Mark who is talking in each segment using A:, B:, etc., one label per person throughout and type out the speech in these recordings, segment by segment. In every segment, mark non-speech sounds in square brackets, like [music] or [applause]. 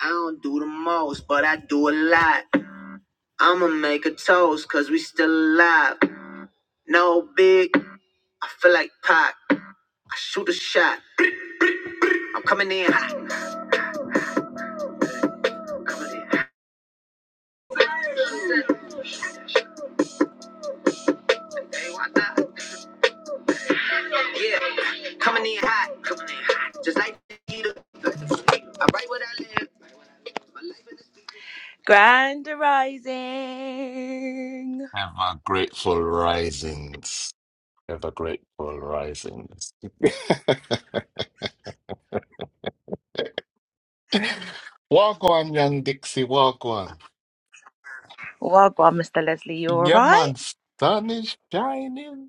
A: I don't do the most, but I do a lot. I'ma make a toast, cause we still alive. No big, I feel like Pac. I shoot a shot. I'm coming in hot. Coming in hot. Hey, why not? Yeah, coming in hot. Coming in hot. Just like Peter. I write what I live. Grand rising.
B: Ever grateful risings. Ever grateful risings. [laughs] walk on, young Dixie, walk on.
A: Wagwan, Mr. Leslie, you all
B: Yeah,
A: right?
B: man, sun is shining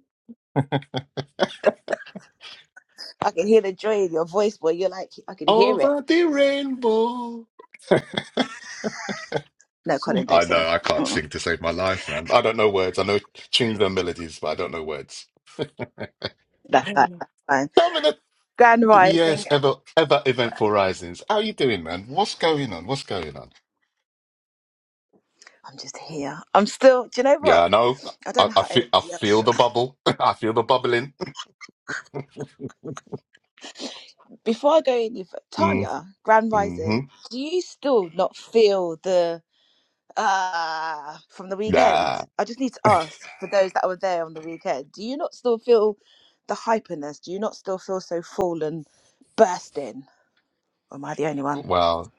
A: I can hear the joy in your voice, boy. You're like, I can hear it.
B: over the rainbow. [laughs]
A: No, Colin, don't
B: I know, I can't
A: sing.
B: sing to save my life, man. I don't know words. I know tunes and melodies, but I don't know words.
A: That's
B: [laughs]
A: fine. That's fine.
B: Dominic,
A: Grand rising.
B: yes, ever, ever eventful risings. How you doing, man? What's going on? What's going on?
A: I'm just here. I'm still. Do you know
B: Yeah,
A: what?
B: I know.
A: I don't
B: I,
A: know
B: I
A: how
B: feel I
A: anybody else.
B: feel the
A: [laughs]
B: bubble. [laughs] I feel the bubbling.
A: Before I go any further,
B: Mm,
A: Tanya, grand
B: hmm
A: rising. Do you still not feel the uh from the weekend?
B: Nah.
A: I just need to ask for those that were there on the weekend. Do you not still feel the hyperness? Do you not still feel so full and bursting? Or am I the only one?
B: Wow. [laughs]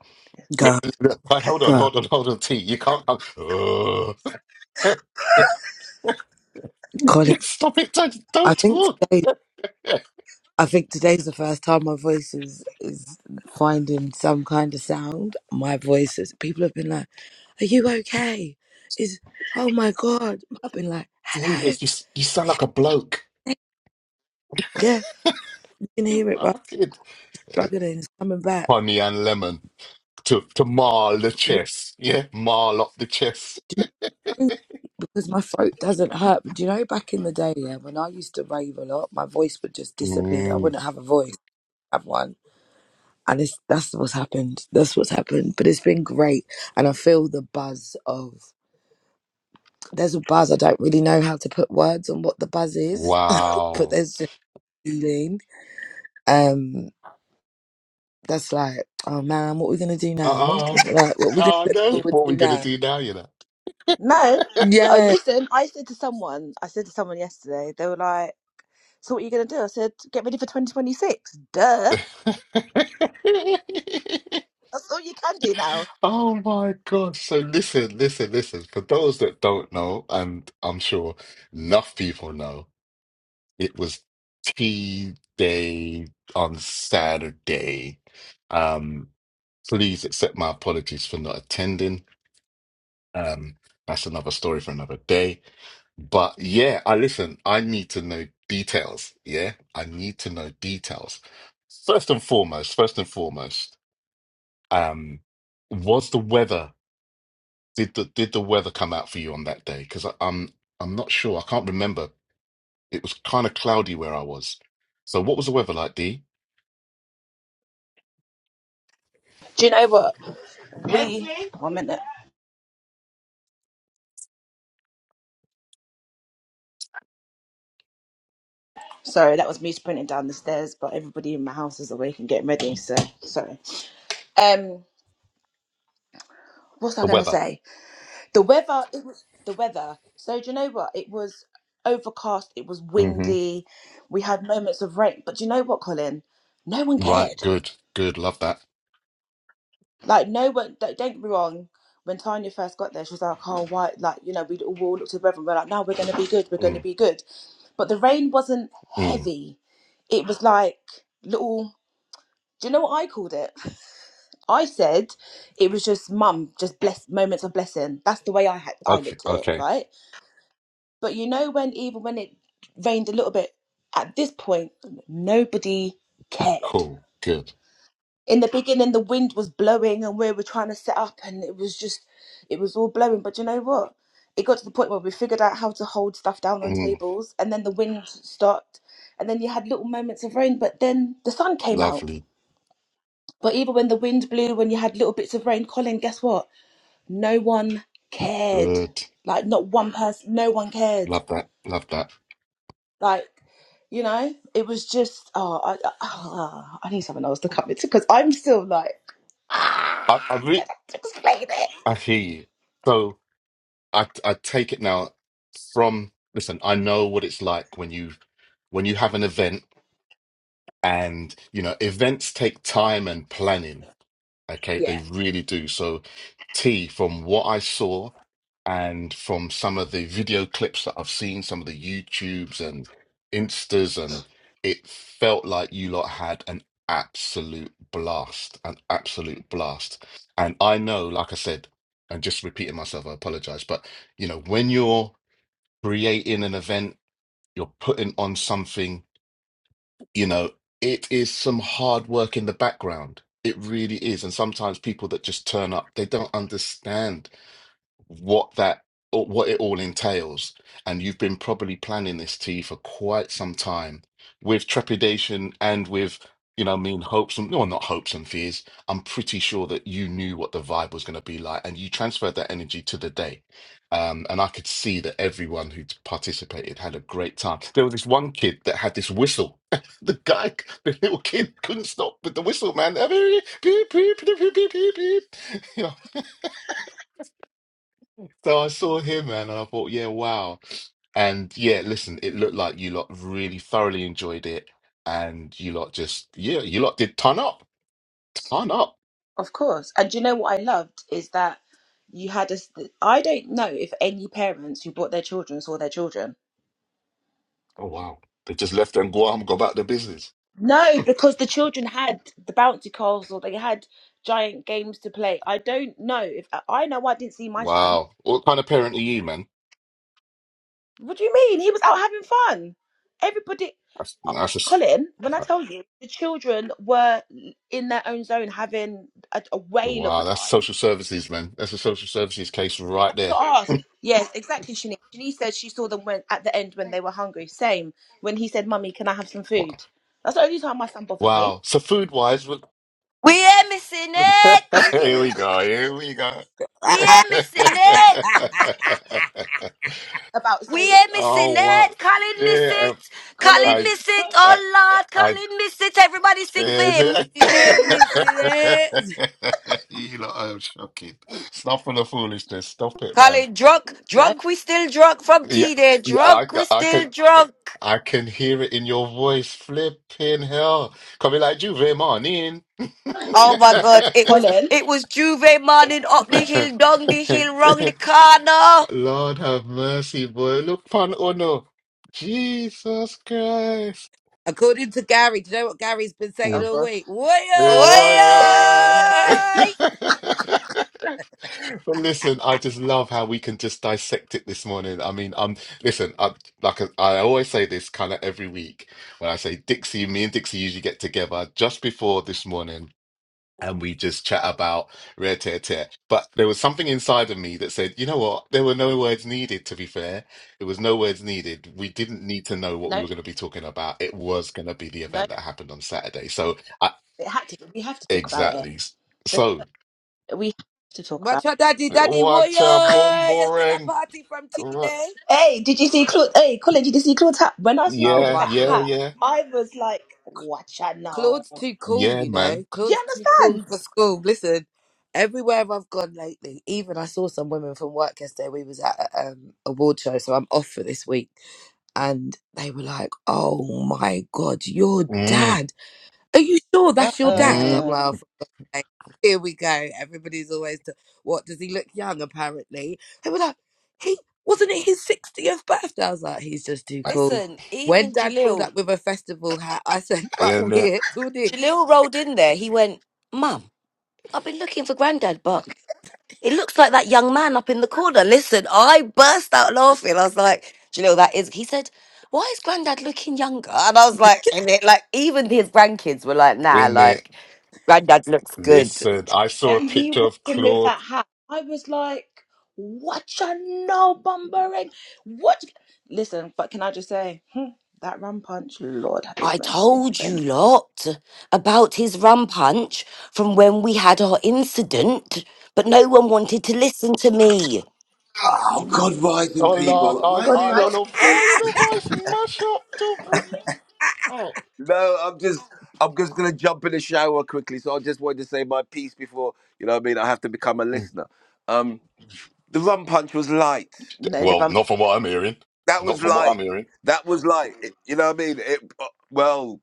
C: God,
B: Right, hold on,
C: God,
B: hold on, hold on, T. You can't. Ugh.
C: Colin.
B: [laughs] Stop it! Don't,
C: I
B: don't
C: think
B: talk.
C: today,
B: [laughs]
C: I think today's the first time my voice is is finding some kind of sound. My voice is. People have been like, "Are you okay?" Is oh my god! I've been like, "Hello."
B: Jesus, you s- you sound like a bloke.
C: Yeah, you can
B: You
C: hear it. Right,
B: rotted.
C: struggling, it's coming back.
B: Honey and lemon to to mar the
C: Do
B: chest. Yeah, mar up the chest.
C: you know, because my throat doesn't hurt. But do you know back in the day, yeah, when I used to rave a lot, my voice would just disappear. I
B: Mm,
C: wouldn't have a voice. Have one. and it's that's what's happened. That's what's happened. But it's been great, and I feel the buzz of. There's a buzz. I don't really know how to put words on what the buzz is, [laughs] but
B: wow.
C: there's just a feeling. Um, that's like, oh man, what are we gonna do now?
B: Um.
C: Like, what are we gonna
B: Oh
C: look
B: no!
C: forward
B: What are
C: to
B: we gonna
C: now?
B: do now? You know.
A: No.
B: [laughs]
A: I
C: Yeah.
A: listen. I said to someone. I said to someone yesterday. They were like. So what are you going to do? I said, get ready for 2026. Duh.
B: [laughs]
A: That's all you can do now.
B: Oh my God. So listen, listen, listen. For those that don't know, and I'm sure enough people know, it was tea day on Saturday. Um, please accept my apologies for not attending. Um, that's another story for another day. But yeah, I listen, I need to know details. Yeah, I need to know details. First and foremost, first and foremost. Um, was the weather did the did the weather come out for you on that day? Because I'm I'm not sure. I can't remember. It was kind of cloudy where I was. So what was the weather like, D?
A: Do you know what? We One minute. Sorry, that was me sprinting down the stairs, but everybody in my house is awake and getting ready, so sorry. Um, what's I
B: The
A: gonna
B: weather.
A: say? The weather it was the weather. So do you know what? It was overcast, it was
B: hmm
A: windy, we had moments of rain, but do you know what, Colin? No one
B: Right.
A: cared.
B: Good. Good. Love that.
A: Like no one, don't, don't get me wrong. When Tanya first got there, she was like, "Oh, why?" Like you know, we'd all all looked at the brother and we're like, "No, we're going to be good. We're going to
B: Mm,
A: be good." But the rain wasn't
B: mm.
A: heavy. It was like little. Do you know what I called it? [laughs] I said it was just mum, just bless moments of blessing. That's the way I had I
B: Okay.
A: looked at it,
B: Okay.
A: right? But you know, when even when it rained a little bit, at this point, nobody cared.
B: Cool. Good.
A: in the beginning the wind was blowing and we were trying to set up and it was just it was all blowing but you know what it got to the point where we figured out how to hold stuff down on
B: Mm,
A: tables and then the wind stopped and then you had little moments of rain but then the sun came out
B: lovely.
A: but even when the wind blew when you had little bits of rain colin guess what no one cared
B: Good.
A: like not one person no one cared
B: Love that. Love that.
A: Like, you know, it was just oh, I, ah, I need someone else to come into because I'm still like, ah,
B: I I,
A: don't
B: re-
A: have to explain it.
B: I hear you. So I I take it now from listen. I know what it's like when you when you have an event and you know events take time and planning okay they
A: Yeah,
B: really do so t from what i saw and from some of the video clips that i've seen some of the youtubes and instas and it felt like you lot had an absolute blast an absolute blast and i know like i said and just repeating myself i apologize but you know when you're creating an event you're putting on something you know, it is some hard work in the background. It really is. And sometimes people that just turn up, they don't understand what that or what it all entails and you've been probably planning this tea for quite some time with trepidation and with you know I mean hopes and no not hopes and fears I'm pretty sure that you knew what the vibe was going to be like and you transferred that energy to the day um, and I could see that everyone who participated had a great time there was this one kid that had this whistle [laughs] the guy the little kid couldn't stop with the whistle man [laughs] you know so I saw him, man, and I thought, yeah, wow. And yeah, listen, it looked like you lot really thoroughly enjoyed it. And you lot just, yeah, you lot did ton up, ton up.
A: of course. And do you know what I loved is that you had us. don't know if any parents who brought their children saw their children.
B: Oh, wow. They just left and Guam, go back to business.
A: No, because the children had the bouncy castle. They had giant games to play. I don't know if I know. I didn't see my son.
B: Wow. What kind of parent are you, man?
A: What do you mean? He was out having fun. Everybody.
B: That's, that's just,
A: Colin, when I tell you, the children were in their own zone having a, a whale of a
B: wow, that's
A: time.
B: social services, man. That's a social services case right
A: To
B: there.
A: ask. Yes, exactly, Shanice. Shanice said she saw them when, at the end when they were hungry. Same. When he said, Mummy, can I have some
B: What?
A: food? That's the only time my son bothered me.
B: Wow.
A: [laughs]
B: So food wise,
D: We ain't missing
B: [laughs]
D: it.
B: here we go, here we go.
D: We
C: [laughs]
D: ain't missing it.
B: [laughs]
A: About so
D: We ain't missing
B: Oh well,
D: it. Colin miss
B: yeah,
D: it.
A: Colin,
D: Colin
B: I,
D: miss it.
B: I,
D: Oh Lord,
B: I,
D: Colin miss it. Everybody sing for
B: yeah. [laughs]
D: him.
C: we ain't missing it.
B: you know, I'm shocking. Stop with the foolishness. Stop it, man.
D: Colin drunk,
A: no.
D: drunk. We still drunk from
B: Yeah,
D: tea day.
B: yeah, I,
D: Drunk. We
B: ca- I
D: still
B: can,
D: drunk.
B: I can hear it in your voice. Flipping hell, coming like Juve man, In
D: Oh my God! It was
A: Colin.
D: it was Juve morning up the hill, down the
B: [laughs]
D: hill, round the corner.
B: Lord have mercy, boy. Look, pan ono. Jesus Christ.
C: According to Gary, do you know what Gary's been
A: Oh
C: saying all
A: gosh.
C: week? What?
B: Hey,
D: Oi!
B: why, uh,
C: [laughs]
B: [laughs] But listen, I just love how we can just dissect it this morning. I mean, um, listen, I, like uh, I always say this kind of every week when I say Dixie, me and Dixie usually get together just before this morning and we just chat about rare tear tear. But there was something inside of me that said, you know what? There were no words needed, to be fair. It was no words needed. We didn't need to know what we
A: No,
B: were going to be talking about. It was going to be the
A: no.
B: event that happened on Saturday. So,
A: It had to we have to talk about it.
B: Exactly. So,
A: The- We have to talk about it.
C: Watch your daddy, daddy warrior.
B: what, a boom,
C: You're still a
B: boring?
C: party from T
B: What?
C: Day.
A: Hey, did you see Claude? Hey, Colin, did you see Claude's hat? When I saw
C: Oh
A: Claude with
B: Yeah,
A: that
C: my god.
B: yeah,
A: hat,
B: yeah,
A: I was like, watch out now.
C: Claude's too cool,
B: yeah,
C: you know.
B: man.
A: Do you
C: Claude's too cool for
A: understand?
C: school. Listen, everywhere I've gone lately, even I saw some women from work yesterday. We was at a, um, award show, so I'm off for this week. And they were like, Oh my god, your
B: Mm,
C: dad. are you sure that's your dad?
B: mm.
C: I'm
A: Uh-uh.
C: like, oh, for God's sake, here we go. Everybody's always, to, what, does he look young, apparently? They were like, he, wasn't it his 60th birthday? I was like, he's just too cool.
D: Listen,
C: When
D: even
C: dad pulled
D: Jalil,
C: up with a festival hat, I [laughs] said, but
B: In it,
C: we're all this.
D: Jalil rolled in there. He went, "Mum, I've been looking for Granddad, but." It looks like that young man up in the corner. Listen, I burst out laughing. I was like, do you know what that is? He said, why is granddad looking younger? And I was like, and it, like even his grandkids were like, nah,
B: in it.
D: like granddad looks good.
B: Listen, I saw a
A: When he
B: picture
A: walked
B: of
A: in with that
B: Claude.
A: hat, I was like, watch out now, bumbering. What? Listen, but can I just say, hmm, that rum punch, Lord have his
D: I
A: mercy.
D: told
A: But
D: you
A: anyway,
D: lot about his rum punch from when we had our incident, but no one wanted to listen to me.
E: Oh God, rising
B: Oh, Lord,
E: people! Why
B: I,
E: are
A: God,
E: you
B: I don't
E: lot?
A: right?
B: know,
E: the-
B: I don't
C: [laughs]
B: know if I smash up to. br- Oh.
E: No, I'm just, I'm just gonna jump in the shower quickly. So I just wanted to say my piece before you know what I mean. I have to become a listener. Um, the rum punch was light.
A: No, the
B: Well,
A: rum.
B: not from what I'm hearing.
E: That
B: Not
E: was
B: from what I'm
E: light.
B: hearing.
E: That was light. It- you know what I mean? It uh, well.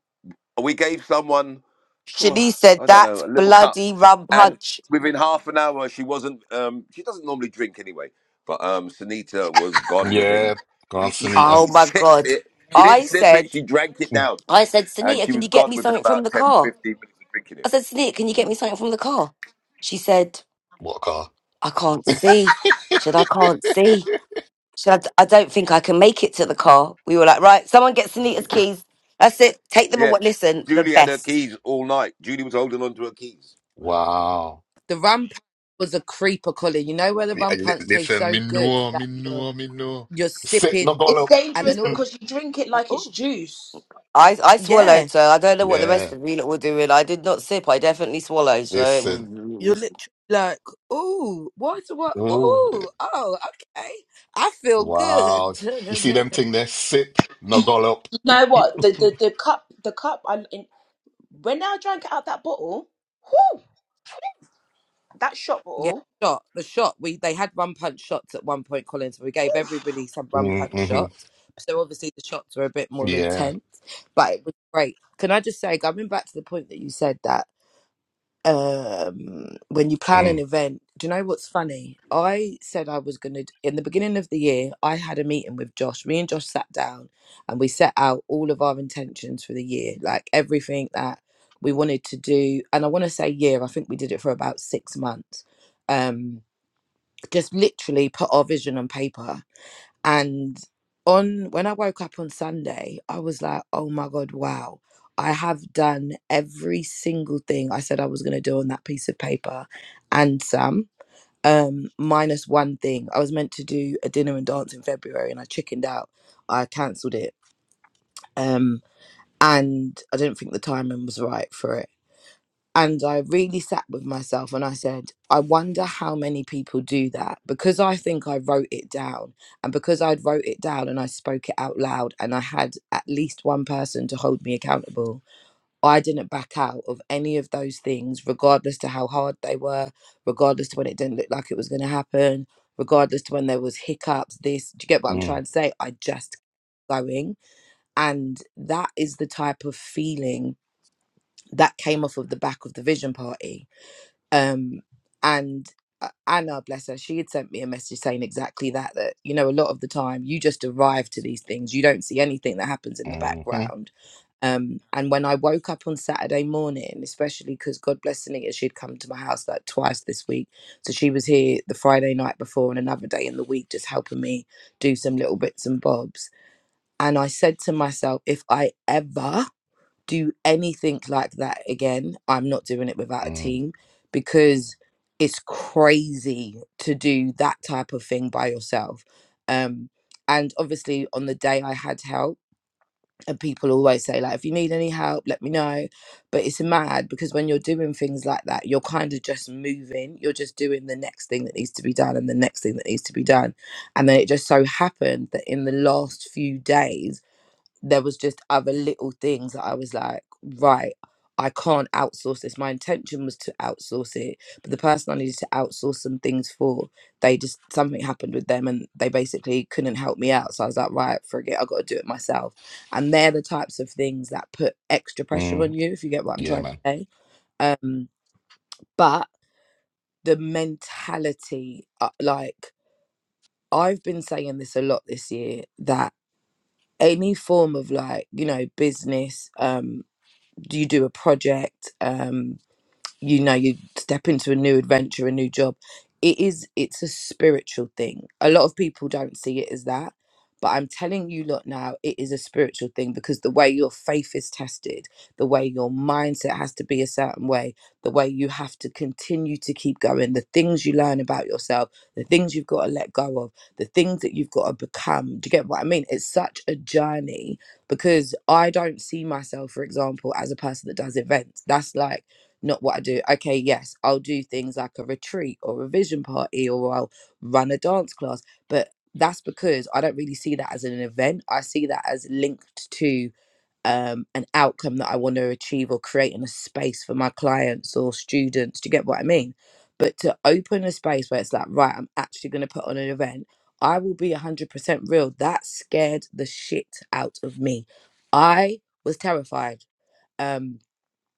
E: we gave someone, phew,
D: Shanice said,
E: I don't know,
D: that
E: a little cup,
D: bloody rum
E: and
D: punch.
E: within half an hour, she wasn't. Um, she doesn't normally drink anyway, but um, Sunita was gone
B: Yeah,
E: within. [laughs] She,
B: Gran Sanita.
D: Oh
E: she
D: my
E: sipped
D: God.
E: it. She didn't
D: I
E: sip it.
D: said,
E: She drank it
B: Mm,
E: down,
D: I said,
E: and
D: Sunita,
E: she
D: can you
E: was
D: get
E: gone
D: me
E: within
D: something from
E: about
D: the
E: 10,
D: car?
E: 15 minutes of drinking it.
D: I said, Sunita, can you get me something from the car? She said,
B: What a car.
D: I can't see. She said, I can't see.
B: [laughs]
D: She said, I, d- I don't think I can make it to the car. We were like, right, someone get Sunita's keys. That's it. Take them
E: Yeah,
D: away. Listen, the
E: Julie had her
D: best.
E: keys all night. Julie was holding on to her keys.
B: Wow.
C: The rum punch was a creeper, Colin. You know where the
B: Yeah,
C: rum
B: li-
C: punch tastes
B: Listen,
C: so
B: me
C: good
B: know, me
C: that you're,
B: know, me know.
C: you're
B: Setting
C: sipping
B: up all
A: It's
B: up.
C: and
A: dangerous
C: then all of a
B: [laughs]
A: because you drink it
C: sudden, like,
A: like it's
C: oh,
A: juice.
D: I, I
C: yeah.
D: swallowed, so I don't know what the
B: Yeah,
D: rest of you lot were doing. I did not sip. I definitely swallowed. So it
B: listen.
C: You're
D: was...
C: literally like, ooh, what, what,
B: Oh,
C: ooh, oh, okay, I feel good.
B: wow.
C: [laughs] no,
B: You
C: no,
B: see
C: no,
B: them
C: no.
B: thing there? Sip, nuggle up.
A: You know what? The
B: [laughs]
A: the, the cup, the cup, I, in, when I drank it out that bottle, whoo! that shot
C: Yeah,
A: ball.
C: shot the shot. We they had run punch shots at one point, Colin. So we gave everybody some run punch
B: Mm-hmm.
C: shots. So obviously the shots were a bit more
B: Yeah.
C: intense, but it was great. Can I just say, going back to the point that you said that um when you plan an
B: Mm,
C: event do you know what's funny i said i was going to in the beginning of the year i had a meeting with josh me and josh sat down and we set out all of our intentions for the year like everything that we wanted to do and i want to say year i think we did it for about six months um just literally put our vision on paper and on when I woke up on Sunday, I was like, oh my God, wow. I have done every single thing I said I was going to do on that piece of paper and some, um, minus one thing. I was meant to do a dinner and dance in February and I chickened out. I cancelled it. Um, and I didn't think the timing was right for it and I really sat with myself and I said, I wonder how many people do that because I think I wrote it down. And because I'd wrote it down and I spoke it out loud and I had at least one person to hold me accountable, I didn't back out of any of those things, regardless to how hard they were, regardless to when it didn't look like it was going to happen, regardless to when there was hiccups, this, do you get what I'm
B: mm,
C: trying to say? I just kept going. And that is the type of feeling that came off of the back of the vision party um and uh, anna bless her she had sent me a message saying exactly that that you know a lot of the time you just arrive to these things you don't see anything that happens in the
B: mm,
C: background um and when i woke up on saturday morning especially because god bless anita she'd come to my house like twice this week so she was here the friday night before and another day in the week just helping me do some little bits and bobs and i said to myself if i ever do anything like that again, I'm not doing it without a
B: mm,
C: team because it's crazy to do that type of thing by yourself. Um, and obviously, on the day I had help, and people always say like, if you need any help, let me know. But it's mad because when you're doing things like that, you're kind of just moving. You're just doing the next thing that needs to be done and the next thing that needs to be done. And then it just so happened that in the last few days there was just other little things that I was like, right, I can't outsource this. My intention was to outsource it, but the person I needed to outsource some things for, they just something happened with them and they basically couldn't help me out. So I was like, right, forget, I gotta do it myself. And they're the types of things that put extra pressure on
B: mm.
C: you, if you get what I'm
B: Yeah,
C: trying
B: man.
C: to say. Um, but the mentality, uh, like I've been saying this a lot this year, that any form of like, you know, business, um, Do you do a project um, you know you step into a new adventure a new job it is it's a spiritual thing a lot of people don't see it as that but i'm telling you lot now it is a spiritual thing because the way your faith is tested the way your mindset has to be a certain way the way you have to continue to keep going the things you learn about yourself the things you've got to let go of the things that you've got to become do you get what i mean it's such a journey because i don't see myself for example as a person that does events that's like not what I do. Okay, yes, I'll do things like a retreat or a vision party or I'll run a dance class. But that's because I don't really see that as an event. I see that as linked to um, an outcome that I want to achieve or creating a space for my clients or students. Do you get what I mean? But to open a space where it's like, right, I'm actually going to put on an event, I will be 100% real. That scared the shit out of me. I was terrified. Um,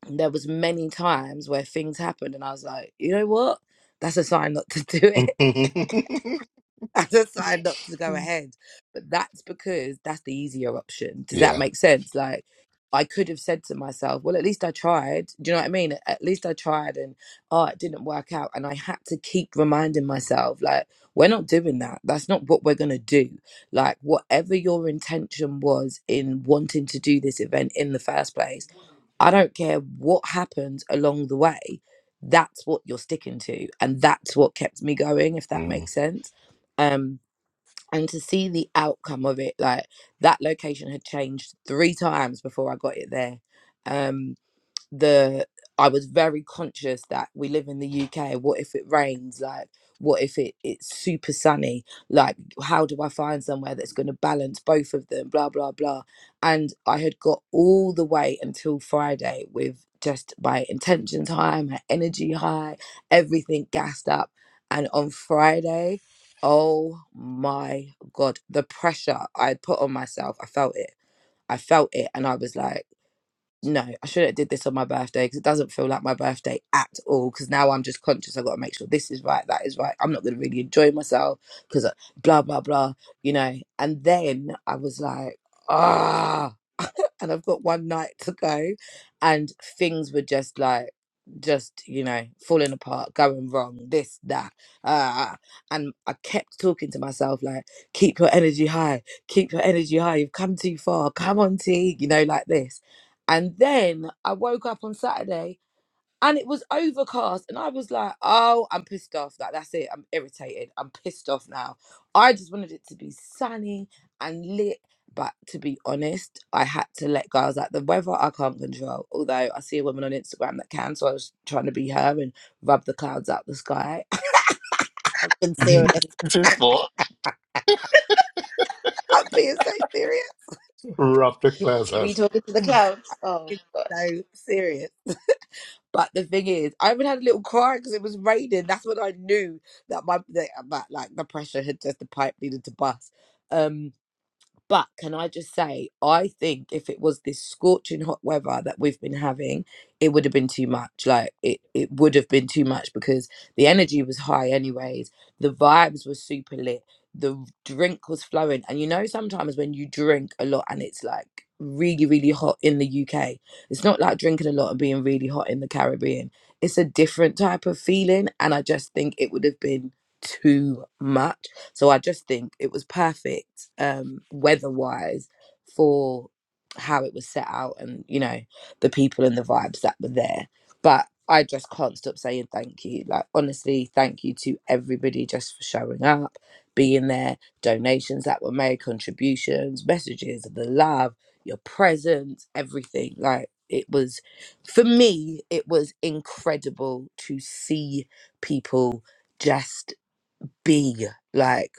C: there was many times where things happened and I was like, you know what? That's a sign not to do it.
B: [laughs]
C: [laughs] That's a sign not to go ahead. But that's because that's the easier option. Does that
B: Yeah.
C: make sense? Like I could have said to myself, well, at least I tried. Do you know what I mean? At least I tried and oh, it didn't work out. And I had to keep reminding myself, like, we're not doing that. That's not what we're going to do. Like, whatever your intention was in wanting to do this event in the first place, I don't care what happens along the way. That's what you're sticking to, and that's what kept me going. If that
B: Mm.
C: makes sense, um, and to see the outcome of it, like that location had changed three times before I got it there. Um, the I was very conscious that we live in the UK. What if it rains? Like, what if it, it's super sunny? Like, how do I find somewhere that's going to balance both of them? Blah, blah, blah. And I had got all the way until Friday with just my intentions high, my energy high, everything gassed up. And on Friday, oh my God, the pressure I had put on myself, I felt it. I felt it. And I was like, no, I shouldn't have did this on my birthday because it doesn't feel like my birthday at all. Because now I'm just conscious. I've got to make sure this is right, that is right. I'm not going to really enjoy myself because blah blah blah, you know. And then I was like, ah and I've got one night to go. And things were just like, just, you know, falling apart, going wrong, this, that. Uh, and I kept talking to myself, like, keep your energy high, keep your energy high. You've come too far. Come on, T, you know, like this. And then I woke up on Saturday and it was overcast and i was like oh i'm pissed off like that's it i'm irritated i'm pissed off now i just wanted it to be sunny and lit but to be honest i had to let go i was like the weather i can't control although i see a woman on instagram that can so i was trying to be her and rub the clouds out the sky [laughs] i'm being serious
B: [laughs] What?
C: i'm being so serious
B: Rough the class
A: we talking to the clouds. Oh
C: It's
A: gosh.
C: so serious But the thing is, I even had a little cry because it was raining. That's when I knew that my that, that like the pressure had just the pipe needed to bust. Um, but can I just say, I think if it was this scorching hot weather that we've been having, it would have been too much. Like it, it would have been too much because the energy was high, anyways. The vibes were super lit. The drink was flowing. And you know, sometimes when you drink a lot and it's like really, really hot in the UK, it's not like drinking a lot and being really hot in the Caribbean. It's a different type of feeling. And I just think it would have been too much. So I just think it was perfect um, weather wise for how it was set out and, you know, the people and the vibes that were there. But I just can't stop saying thank you. Like, honestly, thank you to everybody just for showing up, being there, donations that were made, contributions, messages, the love, your presence, everything. Like, it was, for me, it was incredible to see people just be. Like,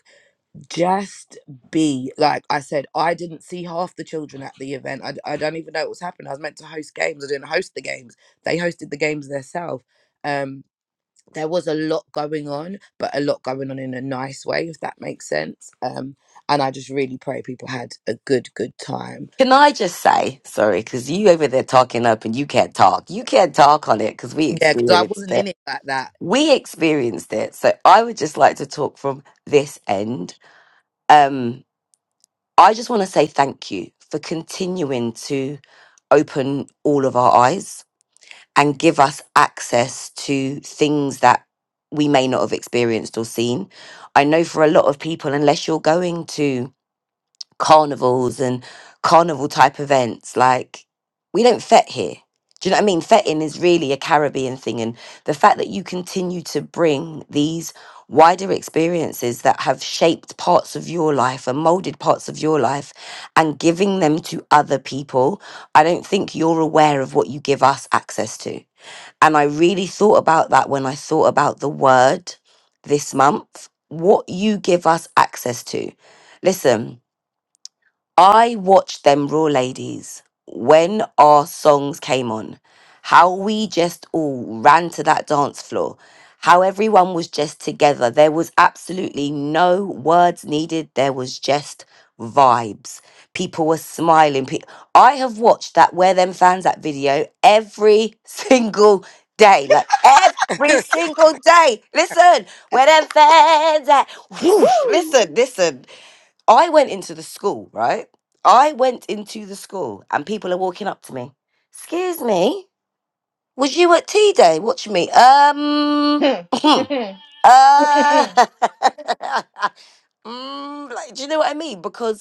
C: just be like I said, I didn't see half the children at the event. I, d- I don't even know what was happening. I was meant to host games. I didn't host the games. They hosted the games themselves. Um, there was a lot going on, but a lot going on in a nice way, if that makes sense. Um, and I just really pray people had a good, good time.
D: Can I just say, sorry, because you over there talking up and you can't talk. You can't talk on it because we
C: Yeah, because I
D: experienced
C: wasn't
D: it.
C: in it like that.
D: we experienced it. So I would just like to talk from this end. Um, I just want to say thank you for continuing to open all of our eyes and give us access to things that we may not have experienced or seen. I know for a lot of people, unless you're going to carnivals and carnival type events. Like, we don't fet here. Do you know what I mean? Fetting is really a Caribbean thing. And the fact that you continue to bring these wider experiences that have shaped parts of your life and molded parts of your life and giving them to other people, I don't think you're aware of what you give us access to. And I really thought about that when I thought about the word this month. What you give us access to. Listen, I watched them Raw ladies when our songs came on, how we just all ran to that dance floor, how everyone was just together. There was absolutely no words needed, there was just vibes. People were smiling. Pe- I have watched that Where Them Fans That video every [laughs] single day, like
C: [laughs]
D: every
C: Do
D: single day. Listen, Where Them Fans At, whoosh,
A: Woo!
D: listen, listen. I went into the school, right? I went into the school and people are walking up to me. Excuse me, was you at tea day? Watch me. Um,
A: [laughs]
D: [clears throat] uh, [laughs] mm, like, do you know what I mean? Because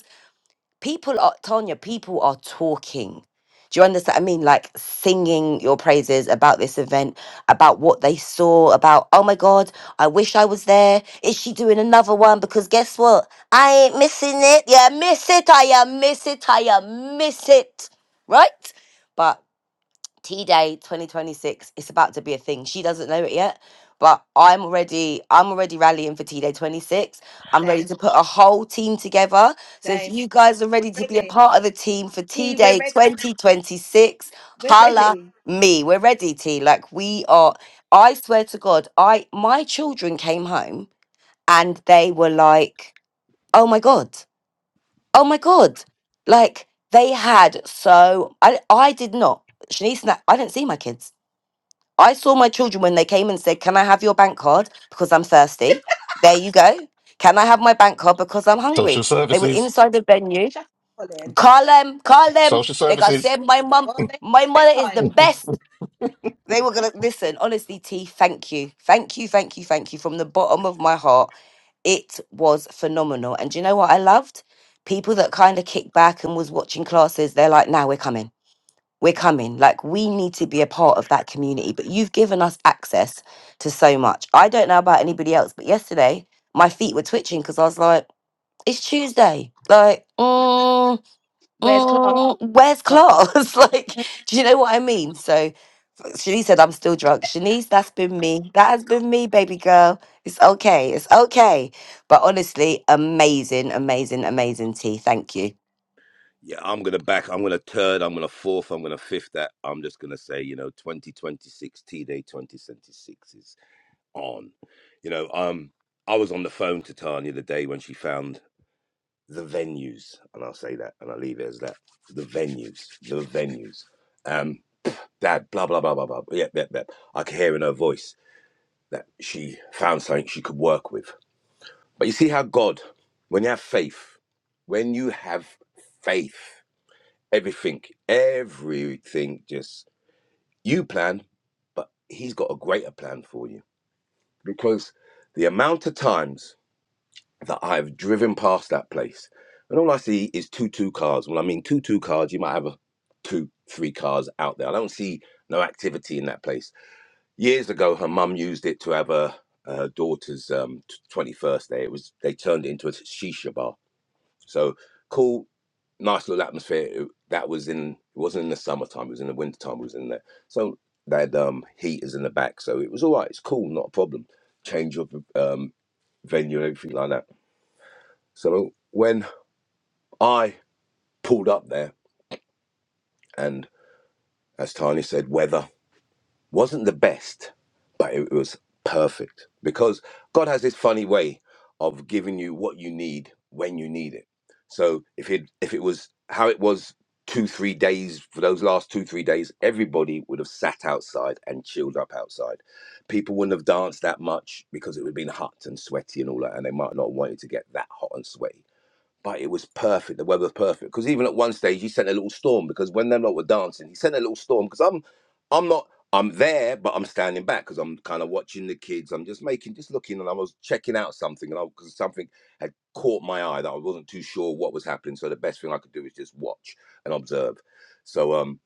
D: people are Tanya, people are talking. Do you understand? what I mean, like singing your praises about this event, about what they saw, about oh my god, I wish I was there. Is she doing another one? Because guess what? I ain't missing it. Yeah, miss it. I am miss it. I am miss it. Right? But T Day 2026. It's about to be a thing. She doesn't know it yet, but I'm already I'm already rallying for T Day 26. I'm ready
A: same,
D: to put a whole team together. So if
A: same.
D: you guys are
A: We're
D: ready to be a
A: ready.
D: part of the team for T
A: He, we're
D: Day
A: ready.
D: 2026,
A: We're
D: holla
A: ready.
D: me. We're ready, T. Like we are. I swear to God, I my children came home and they were like, "Oh my god, oh my god!" Like they had so I I did not. Shanice, and I I didn't see my kids. I saw my children when they came and said, Can I have your bank card? Because I'm thirsty. There you go. Can I have my bank card? Because I'm
A: That's it.
B: Social
D: hungry. They were
B: services.
D: inside the venue.
A: Shut up, Colin.
D: Call them, call them.
B: Social
D: They got
B: services.
D: said, My mum,
A: Well, they had
D: my
A: a
D: mother
A: great
D: is the
A: time.
D: best. They were going to listen. Honestly, T, thank you. Thank you, thank you, thank you. From the bottom of my heart, it was phenomenal. And do you know what I loved? People that kind of kicked back and was watching classes, they're like, Now we're coming we're coming. Like, we need to be a part of that community. But you've given us access to so much. I don't know about anybody else, but yesterday my feet were twitching because I was like, it's Tuesday. Like, mm,
A: Where's Clark?
D: mm, where's
A: Right.
D: class? [laughs] like, do you know what I mean? So Shanice said, I'm still drunk. Shanice, that's been me. That has been me, baby girl. It's okay. It's okay. But honestly, amazing, amazing, amazing tea. Thank you.
E: Yeah, I'm gonna back. I'm gonna third. I'm gonna fourth. I'm gonna fifth. That I'm just gonna say, you know, 2026 T Day 2026 is on. You know, um, I was on the phone to Tanya the day when she found the venues, and I'll say that, and I'll leave it as that. The venues, the venues. Um, Dad, blah blah blah blah blah. Yep, yep, yep. I could hear in her voice that she found something she could work with. But you see how God, when you have faith, when you have faith, everything, everything, just you plan, but He's got a greater plan for you because the amount of times that I've driven past that place, and all I see is two two cars. Well, I mean two two cars. You might have a two three cars out there. I don't see no activity in that place. Years ago, her mum used it to have her, her daughter's um, twenty first day. It was they turned it into a shisha bar. So cool, nice little atmosphere. It- That was in it wasn't in the summertime. It was in the wintertime. It was in there. So that um, heaters in the back. So it was all right. It's cool, not a problem. Change of um, venue and everything like that. So when I pulled up there, and as Tiny said, weather wasn't the best, but it was perfect because God has this funny way of giving you what you need when you need it. So if it if it was how it was two three days for those last two three days, everybody would have sat outside and chilled up outside. People wouldn't have danced that much because it would have been hot and sweaty and all that, and they might not have wanted to get that hot and sweaty but it was perfect. The weather was perfect because even at one stage he sent a little storm because when them lot were dancing, he sent a little storm because I'm, I'm not, I'm there, but I'm standing back because I'm kind of watching the kids. I'm just making, just looking, and I was checking out something, and I because something had caught my eye that I wasn't too sure what was happening. So the best thing I could do is just watch and observe. So um,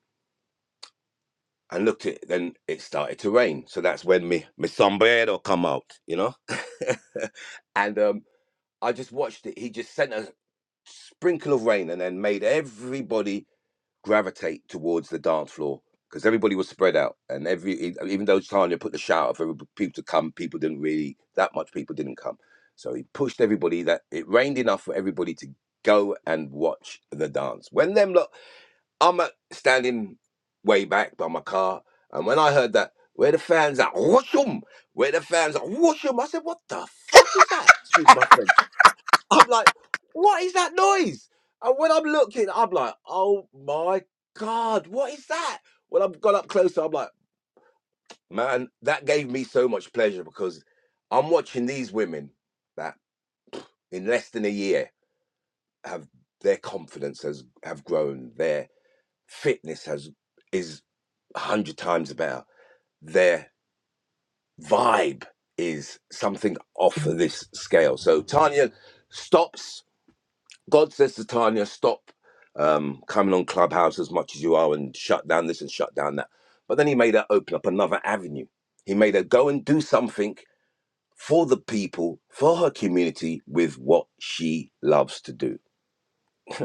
E: and looked at then it started to rain. So that's when me me sombrero come out, you know, [laughs] and um. I just watched it. He just sent us sprinkle of rain and then made everybody gravitate towards the dance floor because everybody was spread out and every e- even though Tanya put the shout out for people to come, people didn't really that much people didn't come. So he pushed everybody that it rained enough for everybody to go and watch the dance. When them look, I'm uh, standing way back by my car, and when I heard that, where the fans at? Whoosh 'em! Where the fans at? Whoosh 'em! I said, what the fuck is that? Excuse my French. I'm like, what is that noise? And when I'm looking, I'm like, oh my God, what is that? When I've gone up closer, I'm like, man, that gave me so much pleasure because I'm watching these women that in less than a year have their confidence has have grown, their fitness has is a hundred times better, their vibe is something off of this scale. So Tanya, stop. God says to Tanya, stop um, coming on Clubhouse as much as you are and shut down this and shut down that. But then he made her open up another avenue. He made her go and do something for the people, for her community, with what she loves to do.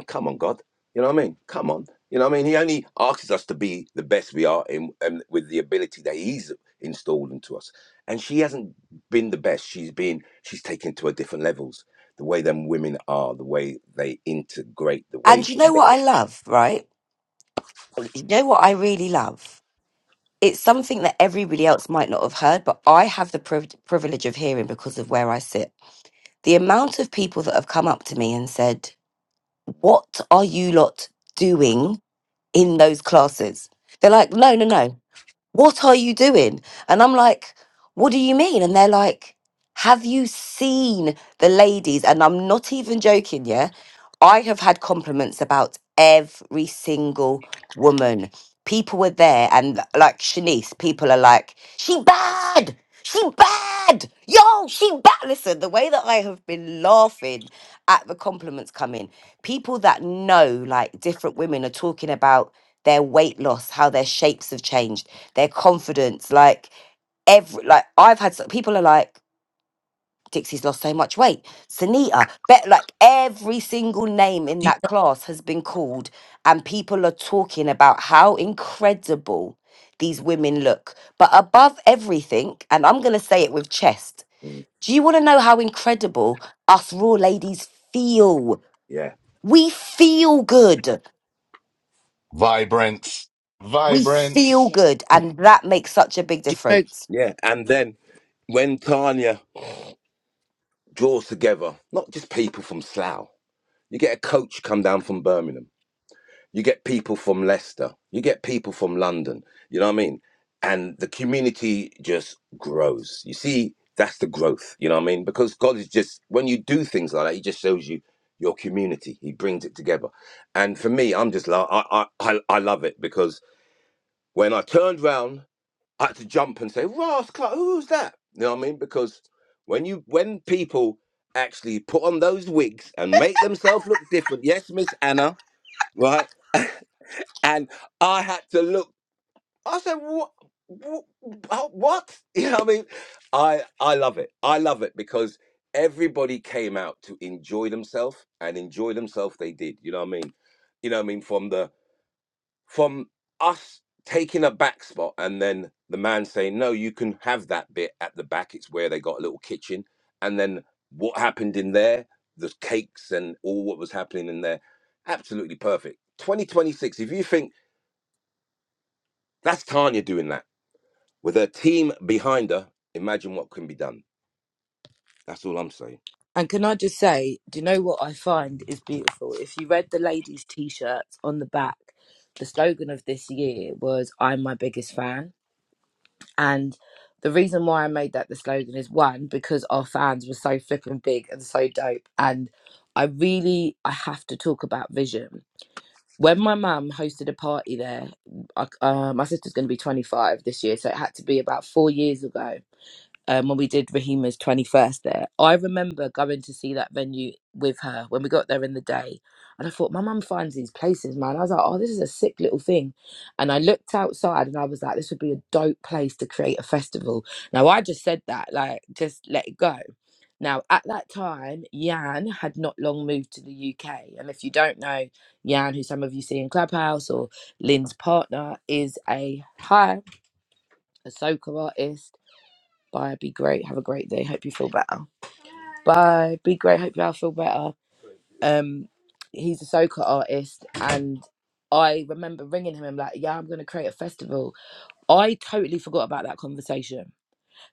E: Come on, God. You know what I mean? Come on. You know what I mean? He only asks us to be the best we are in, and with the ability that He's installed into us. And she hasn't been the best. She's been, she's taken to her different levels. The way them women are, the way they integrate, the way
D: And
E: they
D: you know what I
E: mix.
D: love, right? You know what I really love? it's something that everybody else might not have heard, but I have the priv- privilege of hearing because of where I sit. The amount of people that have come up to me and said, What are you lot doing in those classes? They're like, No, no, no what are you doing? And I'm like, what do you mean? And they're like, have you seen the ladies? And I'm not even joking, yeah. I have had compliments about every single woman. People were there, and like Shanice, people are like, she bad, she bad, yo, she bad. Listen, the way that I have been laughing at the compliments coming, people that know, like different women are talking about their weight loss, how their shapes have changed, their confidence. Like every like I've had some, people are like Dixie's lost so much weight. Sunita, bet like every single name in
C: you
D: that class has been called, and people are talking about how incredible these women look. But above everything, and I'm gonna say it with chest.
E: Mm,
D: Do you want to know how incredible us raw ladies feel?
E: Yeah.
D: We feel good.
B: Vibrance.
D: We feel
A: Yeah.
B: Vibrance.
D: good, and that makes such a big
C: know
D: difference.
E: Yeah. And then when Tanya draws together, not just people from Slough, you get a coach come down from Birmingham You get people from Leicester. You get people from London. You know what I mean? And the community just grows. You see, that's the growth. You know what I mean? Because God is just, when you do things like that, He just shows you your community. He brings it together. And for me, I'm just, lo- I, I, I, I love it because when I turned round, I had to jump and say, Ross Clark, who's that? You know what I mean? Because when you, when people actually put on those wigs and make themselves look different, yes, Miss Anna, right? and I had to look. I said, "What? What?" [laughs] You know what I mean? I I love it. I love it because everybody came out to enjoy themselves, and enjoy themselves they did. You know what I mean? You know what I mean? From the from us taking a back spot, and then the man saying, "No, you can have that bit at the back. It's where they got a little kitchen." And then what happened in there? The cakes and all what was happening in there. Absolutely perfect. 2026. If you think That's Tanya doing that. With her team behind her, imagine what can be done. That's all I'm saying.
C: And can I just say, do you know what I find is beautiful? If you read the ladies' t shirts on the back, the slogan of this year was, I'm my biggest fan. And the reason why I made that the slogan is one, because our fans were so flipping big and so dope. And I really, I have to talk about vision. When my mum hosted a party there, I, uh, my sister's going to be 25 this year, so it had to be about four years ago um, when we did Rahima's 21st there. I remember going to see that venue with her when we got there in the day. And I thought, my mum finds these places, man. I was like, oh, this is a sick little thing. And I looked outside and I was like, this would be a dope place to create a festival. Now, I just said that, like, just let it go. Now, at that time, Jan had not long moved to the UK. And if you don't know, Jan, who some of you see in Clubhouse or Lynn's partner, is a high, a soca artist Bye. Be great. Have a great day. Hope you feel better. Bye. Be great. Hope you all feel better. Um, he's a soca artist, and I remember ringing him and like, yeah, I'm gonna create a festival. I totally forgot about that conversation.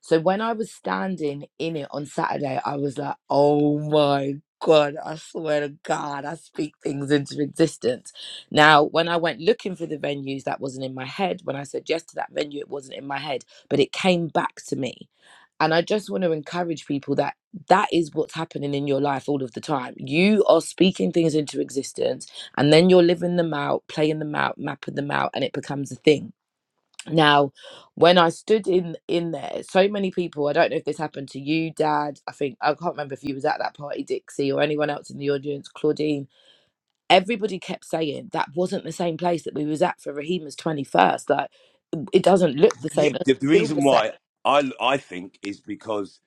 C: So when I was standing in it on Saturday, I was like, oh my god, I swear to God, I speak things into existence. Now, when I went looking for the venues, that wasn't in my head. When I said yes to that venue, it wasn't in my head, but it came back to me and I just want to encourage people that that is what's happening in your life all of the time. You are speaking things into existence and then you're living them out, playing them out, mapping them out, and it becomes a thing. Now, when I stood in in there, so many people, I don't know if this happened to you, Dad. I think I can't remember if you was at that party, Dixie, or anyone else in the audience, Claudine. Everybody kept saying that wasn't the same place that we was at for Rahima's 21st. Like it doesn't look the
E: Yeah,
C: same, it
E: the, the
C: doesn't feel
E: reason
C: the same.
E: why I I think is because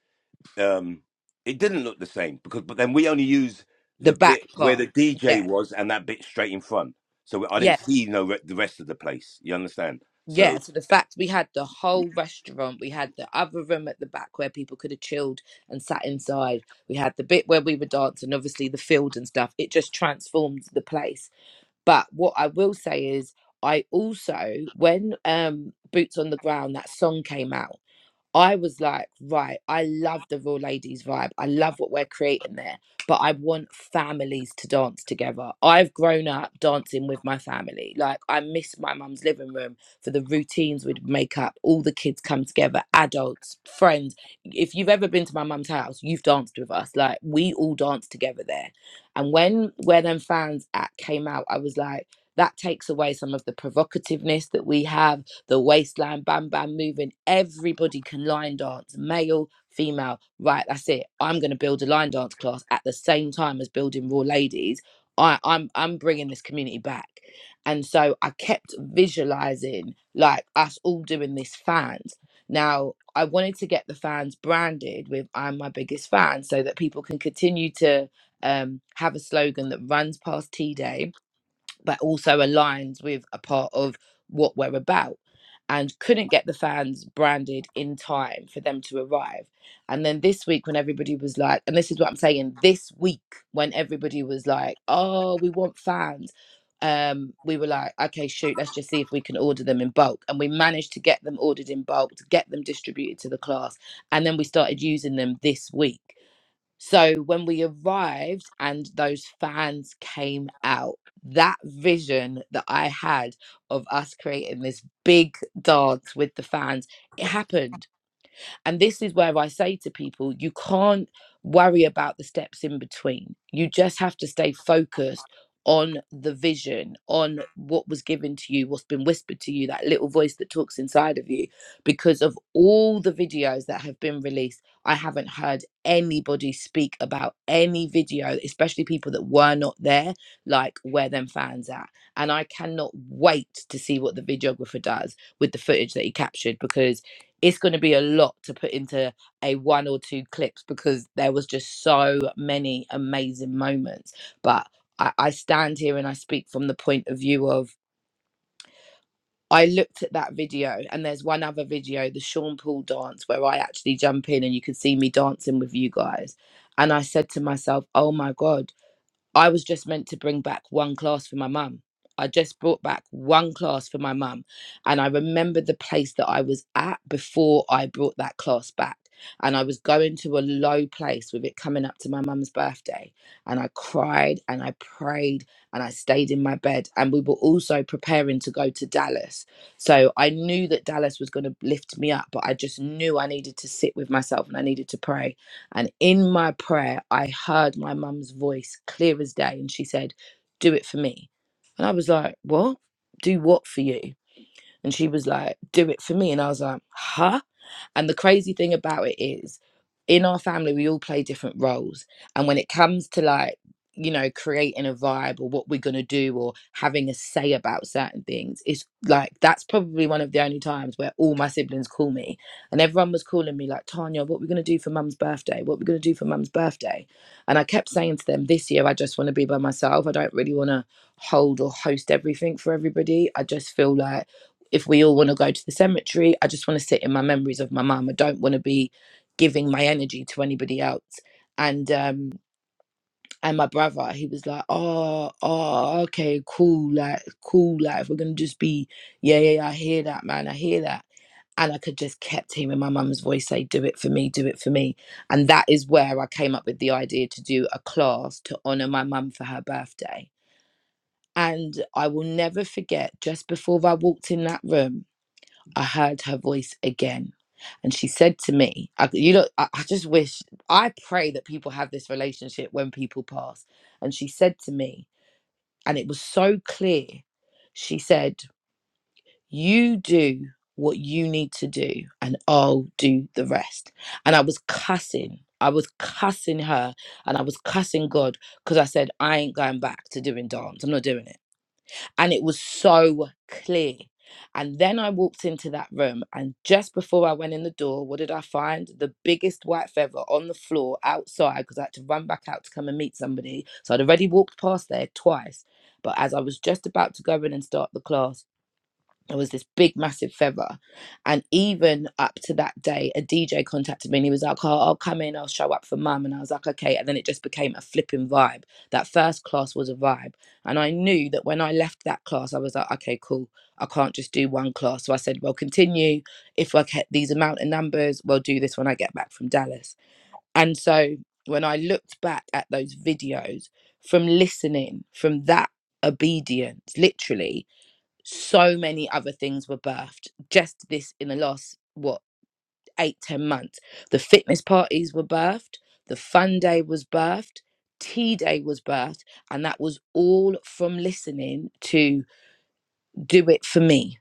E: um, it didn't look the same. Because but then we only use
C: The
E: the
C: back
E: bit where
C: part.
E: the DJ
C: Yeah.
E: was and that bit straight in front. So I didn't
C: Yeah
E: see no re- the rest of the place. You understand? So
C: Yeah, so the fact we had the whole restaurant, we had the other room at the back where people could have chilled and sat inside. We had the bit where we were dancing, obviously the field and stuff. It just transformed the place. But what I will say is, I also when um Boots on the Ground that song came out. I was like, right, I love the Raw Ladies vibe. I love what we're creating there, but I want families to dance together. I've grown up dancing with my family. Like, I miss my mum's living room for the routines we'd make up. All the kids come together, adults, friends. If you've ever been to my mum's house, you've danced with us. Like, we all dance together there. And when Where Them Fans at came out, I was like, that takes away some of the provocativeness that we have the waistline, bam, bam, moving. Everybody can line dance, male, female. Right, that's it. I'm going to build a line dance class at the same time as building Raw Ladies. I, I'm I'm bringing this community back, and so I kept visualizing like us all doing this fans. Now I wanted to get the fans branded with "I'm my biggest fan" so that people can continue to um, have a slogan that runs past T Day but also aligns with a part of what we're about. And couldn't get the fans branded in time for them to arrive. And then this week, when everybody was like, and this is what I'm saying, this week, when everybody was like, oh, we want fans, um, we were like, okay, shoot, let's just see if we can order them in bulk. And we managed to get them ordered in bulk, to get them distributed to the class. And then we started using them this week. So when we arrived and those fans came out, that vision that I had of us creating this big dance with the fans, it happened. And this is where I say to people, you can't worry about the steps in between. You just have to stay focused on the vision, on what was given to you, what's been whispered to you, that little voice that talks inside of you. Because of all the videos that have been released, I haven't heard anybody speak about any video, especially people that were not there, like where them fans at. And I cannot wait to see what the videographer does with the footage that he captured because it's going to be a lot to put into a one or two clips because there was just so many amazing moments but I, I stand here and i speak from the point of view of i looked at that video and there's one other video the sean paul dance where i actually jump in and you can see me dancing with you guys and i said to myself oh my god I was just meant to bring back one class for my mum. I just brought back one class for my mum. And I remember the place that I was at before I brought that class back. And I was going to a low place with it coming up to my mum's birthday. And I cried and I prayed and I stayed in my bed. And we were also preparing to go to Dallas. So I knew that Dallas was going to lift me up, but I just knew I needed to sit with myself and I needed to pray and in my prayer, I heard my mum's voice clear as day. And she said, Do it for me. And I was like, What? Do what for you? And she was like, Do it for me. And I was like, Huh? And the crazy thing about it is, in our family, we all play different roles. And when it comes to like, you know, creating a vibe or what we're going to do or having a say about certain things, it's like that's probably one of the only times where all my siblings call me and everyone was calling me, like, Tanya, what are we going to do for mum's birthday? What are we going to do for mum's birthday? And I kept saying to them, this year, I just want to be by myself. I don't really want to hold or host everything for everybody. I just feel like, if we all want to go to the cemetery, I just want to sit in my memories of my mum. I don't want to be giving my energy to anybody else. And um and my brother, he was like, Oh, oh, okay, cool, like cool, like if we're gonna just be yeah, yeah, yeah, I hear that, man, I hear that. And I could just kept hearing my mum's voice say, Do it for me, do it for me. And that is where I came up with the idea to do a class to honour my mum for her birthday. And I will never forget just before I walked in that room, I heard her voice again. And she said to me, I, You know, I, I just wish, I pray that people have this relationship when people pass. And she said to me, and it was so clear, she said, You do what you need to do, and I'll do the rest. And I was cussing. I was cussing her and I was cussing God because I said, I ain't going back to doing dance. I'm not doing it and it was so clear. And then I walked into that room, and just before I went in the door, what did I find? The biggest white feather on the floor outside because I had to run back out to come and meet somebody. So I'd already walked past there twice. But as I was just about to go in and start the class, there was this big, massive feather. And even up to that day, a DJ contacted me and he was like, oh, I'll come in, I'll show up for mum. And I was like, okay. And then it just became a flipping vibe. That first class was a vibe. And I knew that when I left that class, I was like, okay, cool. I can't just do one class. So I said, well, continue. If I get these amount of numbers, we'll do this when I get back from Dallas. And so when I looked back at those videos from listening, from that obedience, literally, so many other things were birthed just this in the last what eight ten months the fitness parties were birthed the fun day was birthed tea day was birthed and that was all from listening to do it for me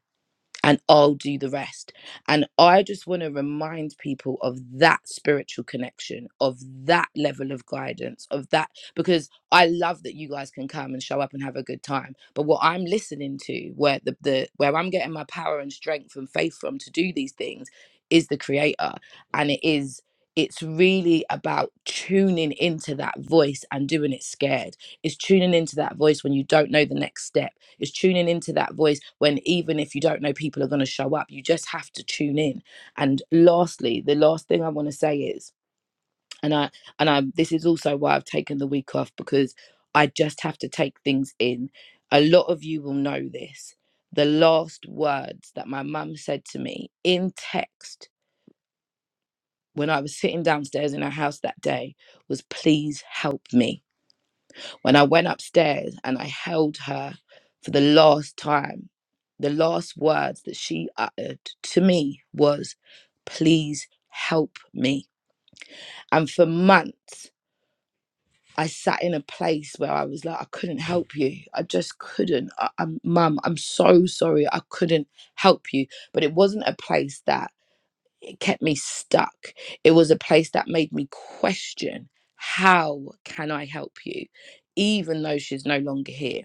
C: and I'll do the rest. And I just want to remind people of that spiritual connection, of that level of guidance, of that, because I love that you guys can come and show up and have a good time. But what I'm listening to, where the, the where I'm getting my power and strength and faith from to do these things is the creator. And it is it's really about tuning into that voice and doing it scared. It's tuning into that voice when you don't know the next step is tuning into that voice when even if you don't know people are going to show up, you just have to tune in. And lastly, the last thing I want to say is, and I and I this is also why I've taken the week off because I just have to take things in. A lot of you will know this. The last words that my mum said to me in text when I was sitting downstairs in her house that day was, please help me when I went upstairs and I held her for the last time, the last words that she uttered to me was, Please help me. And for months, I sat in a place where I was like, I couldn't help you. I just couldn't. I, I'm, Mum, I'm so sorry. I couldn't help you. But it wasn't a place that it kept me stuck. It was a place that made me question how can I help you, even though she's no longer here.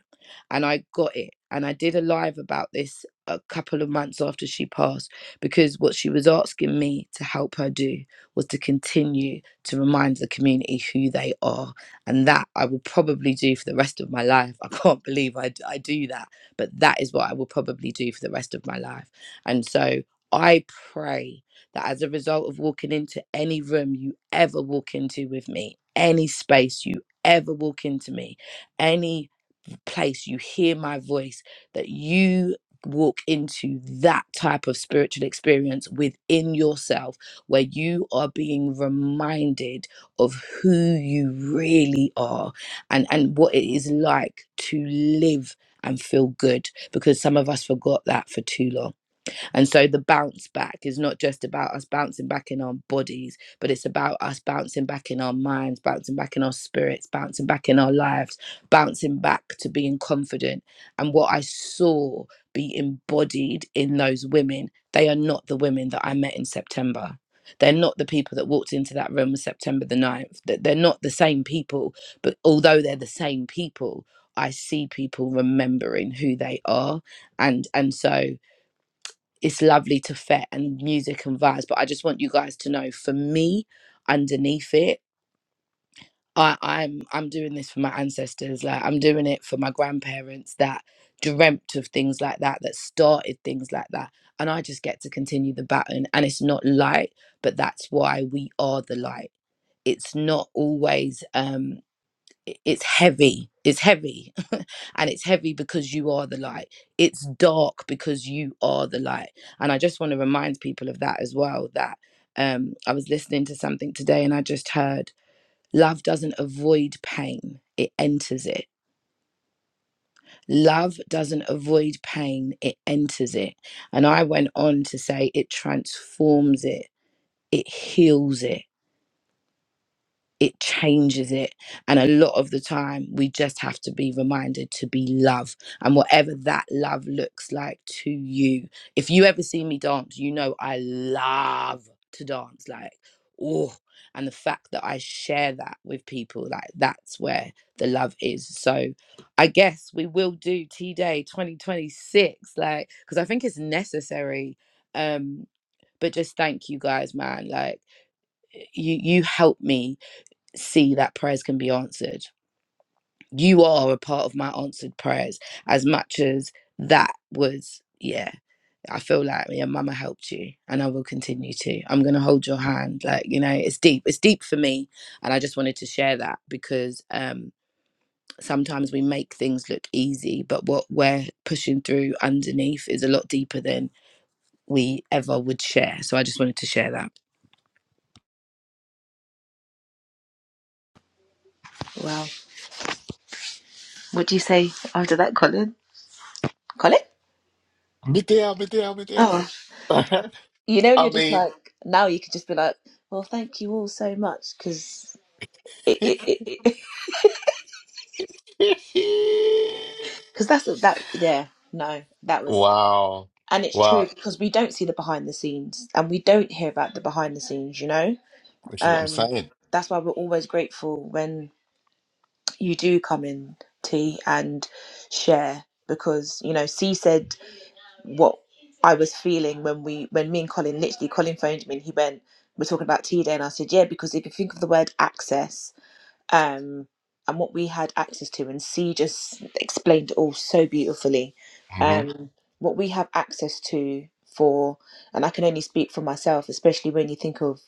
C: And I got it. And I did a live about this a couple of months after she passed because what she was asking me to help her do was to continue to remind the community who they are. And that I will probably do for the rest of my life. I can't believe I I do that, but that is what I will probably do for the rest of my life. And so I pray that as a result of walking into any room you ever walk into with me, any space you ever walk into me, any place you hear my voice, that you walk into that type of spiritual experience within yourself where you are being reminded of who you really are and and what it is like to live and feel good because some of us forgot that for too long and so the bounce back is not just about us bouncing back in our bodies, but it's about us bouncing back in our minds, bouncing back in our spirits, bouncing back in our lives, bouncing back to being confident. And what I saw be embodied in those women, they are not the women that I met in September. They're not the people that walked into that room on September the ninth. That They're not the same people. But although they're the same people, I see people remembering who they are. And and so it's lovely to fet and music and vibes but i just want you guys to know for me underneath it i i'm i'm doing this for my ancestors like i'm doing it for my grandparents that dreamt of things like that that started things like that and i just get to continue the baton and it's not light but that's why we are the light it's not always um i- it's heavy it's heavy [laughs] and it's heavy because you are the light it's dark because you are the light and i just want to remind people of that as well that um i was listening to something today and i just heard love doesn't avoid pain it enters it love doesn't avoid pain it enters it and i went on to say it transforms it it heals it it changes it. And a lot of the time, we just have to be reminded to be love. And whatever that love looks like to you, if you ever see me dance, you know I love to dance. Like, oh, and the fact that I share that with people, like, that's where the love is. So I guess we will do T Day 2026, like, because I think it's necessary. Um, but just thank you guys, man. Like, you you help me see that prayers can be answered. You are a part of my answered prayers as much as that was, yeah. I feel like yeah, mama helped you and I will continue to. I'm gonna hold your hand. Like, you know, it's deep. It's deep for me. And I just wanted to share that because um sometimes we make things look easy, but what we're pushing through underneath is a lot deeper than we ever would share. So I just wanted to share that.
A: Wow. What do you say after that, Colin? Colin?
B: Me down, me down, me down.
A: Oh,
B: [laughs]
A: you know, and
B: I
A: you're just
B: mean,
A: like now you could just be like, well, thank you all so much because it, it, it, it,
B: [laughs]
A: [laughs] 'cause that's that. Yeah. No, that was.
B: wow,
A: and it's
B: wow.
A: true because we don't see the behind the scenes and we don't hear about the behind the scenes you know
B: This is what I'm
A: um
B: saying.
A: that's why we're always grateful when you do come in T, and share because you know c said what i was feeling when we when me and colin literally colin phoned me and he went we're talking about T day and i said yeah because if you think of the word access um, and what we had access to. And C just explained it all so beautifully.
B: hmm
A: Um, what we have access to for, and I can only speak for myself, especially when you think of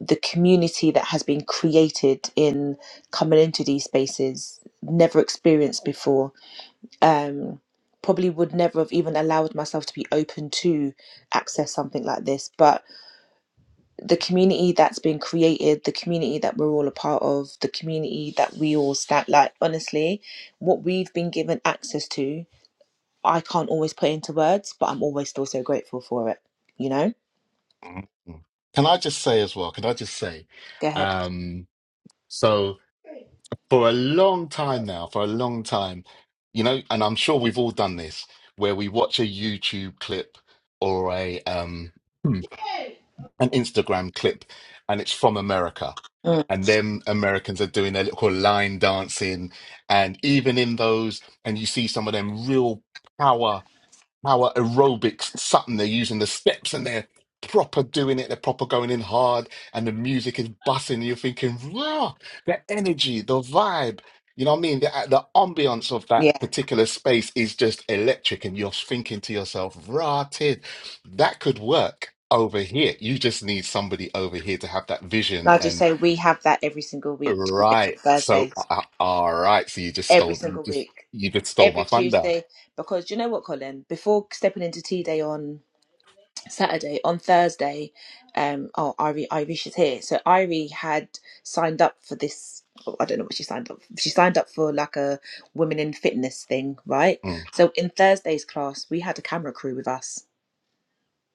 A: the community that has been created in coming into these spaces, never experienced before. Um, probably would never have even allowed myself to be open to access something like this, but the community that's been created, the community that we're all a part of, the community that we all stand like honestly, what we've been given access to, I can't always put into words, but I'm always still so grateful for it. You know?
B: Mhm. Can I just say as well? Can I just say?
A: Go ahead.
B: Um, so. for a long time now, for a long time, you know, and I'm sure we've all done this, where we watch a YouTube clip or a um hmm, an Instagram clip, and it's from America,
A: Mm.
B: and them Americans are doing their little line dancing, and even in those, and you see some of them real power power aerobics, something they're using the steps and they're proper doing it, they're proper going in hard, and the music is bussing. You're thinking, rah, the energy, the vibe. You know what I mean? The, uh, the ambience of that
A: Yeah.
B: particular space is just electric, and you're thinking to yourself, rah, tid, that could work over here. You just need somebody over here to have that
A: And
B: vision.
A: I'll just
B: And
A: say we have that every single week, Tuesdays and
B: right, so uh,
A: Thursdays.
B: uh, all right, so you just
A: Every
B: stole, you
A: single
B: just
A: week.
B: you just stole my
A: Every
B: thunder.
A: Tuesday. Because do you know what, Colin? Before stepping into T Day on Saturday on Thursday, um, oh, Irie, Irish is here. So Irie had signed up for this. oh, I don't know what she signed up. For. She signed up for like a women in fitness thing, right?
B: Mm,
A: So in Thursday's class, we had a camera crew with us.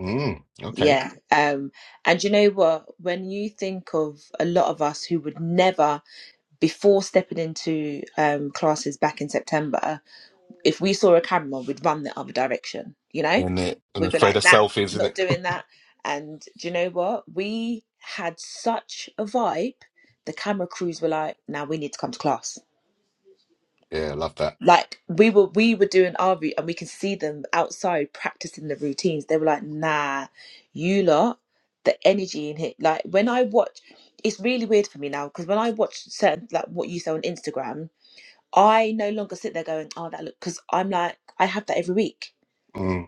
B: mm, okay.
A: Yeah. Um, and you know what? When you think of a lot of us who would never, before stepping into um, classes back in September, if we saw a camera, we'd run the other direction, you know?
B: and it and
A: We'd be
B: afraid of
A: like, nah,
B: selfies, isn't it?
A: not doing that. And do you know what? We had such a vibe, the camera crews were like, now we need to come to class.
B: Yeah, I love that.
A: Like we were we were doing our route and we can see them outside practicing the routines. They were like, nah, you lot, the energy in here. Like when I watch it's really weird for me now because when I watch certain like what you say on Instagram, I no longer sit there going, oh that look because I'm like, I have that every week
B: Mm,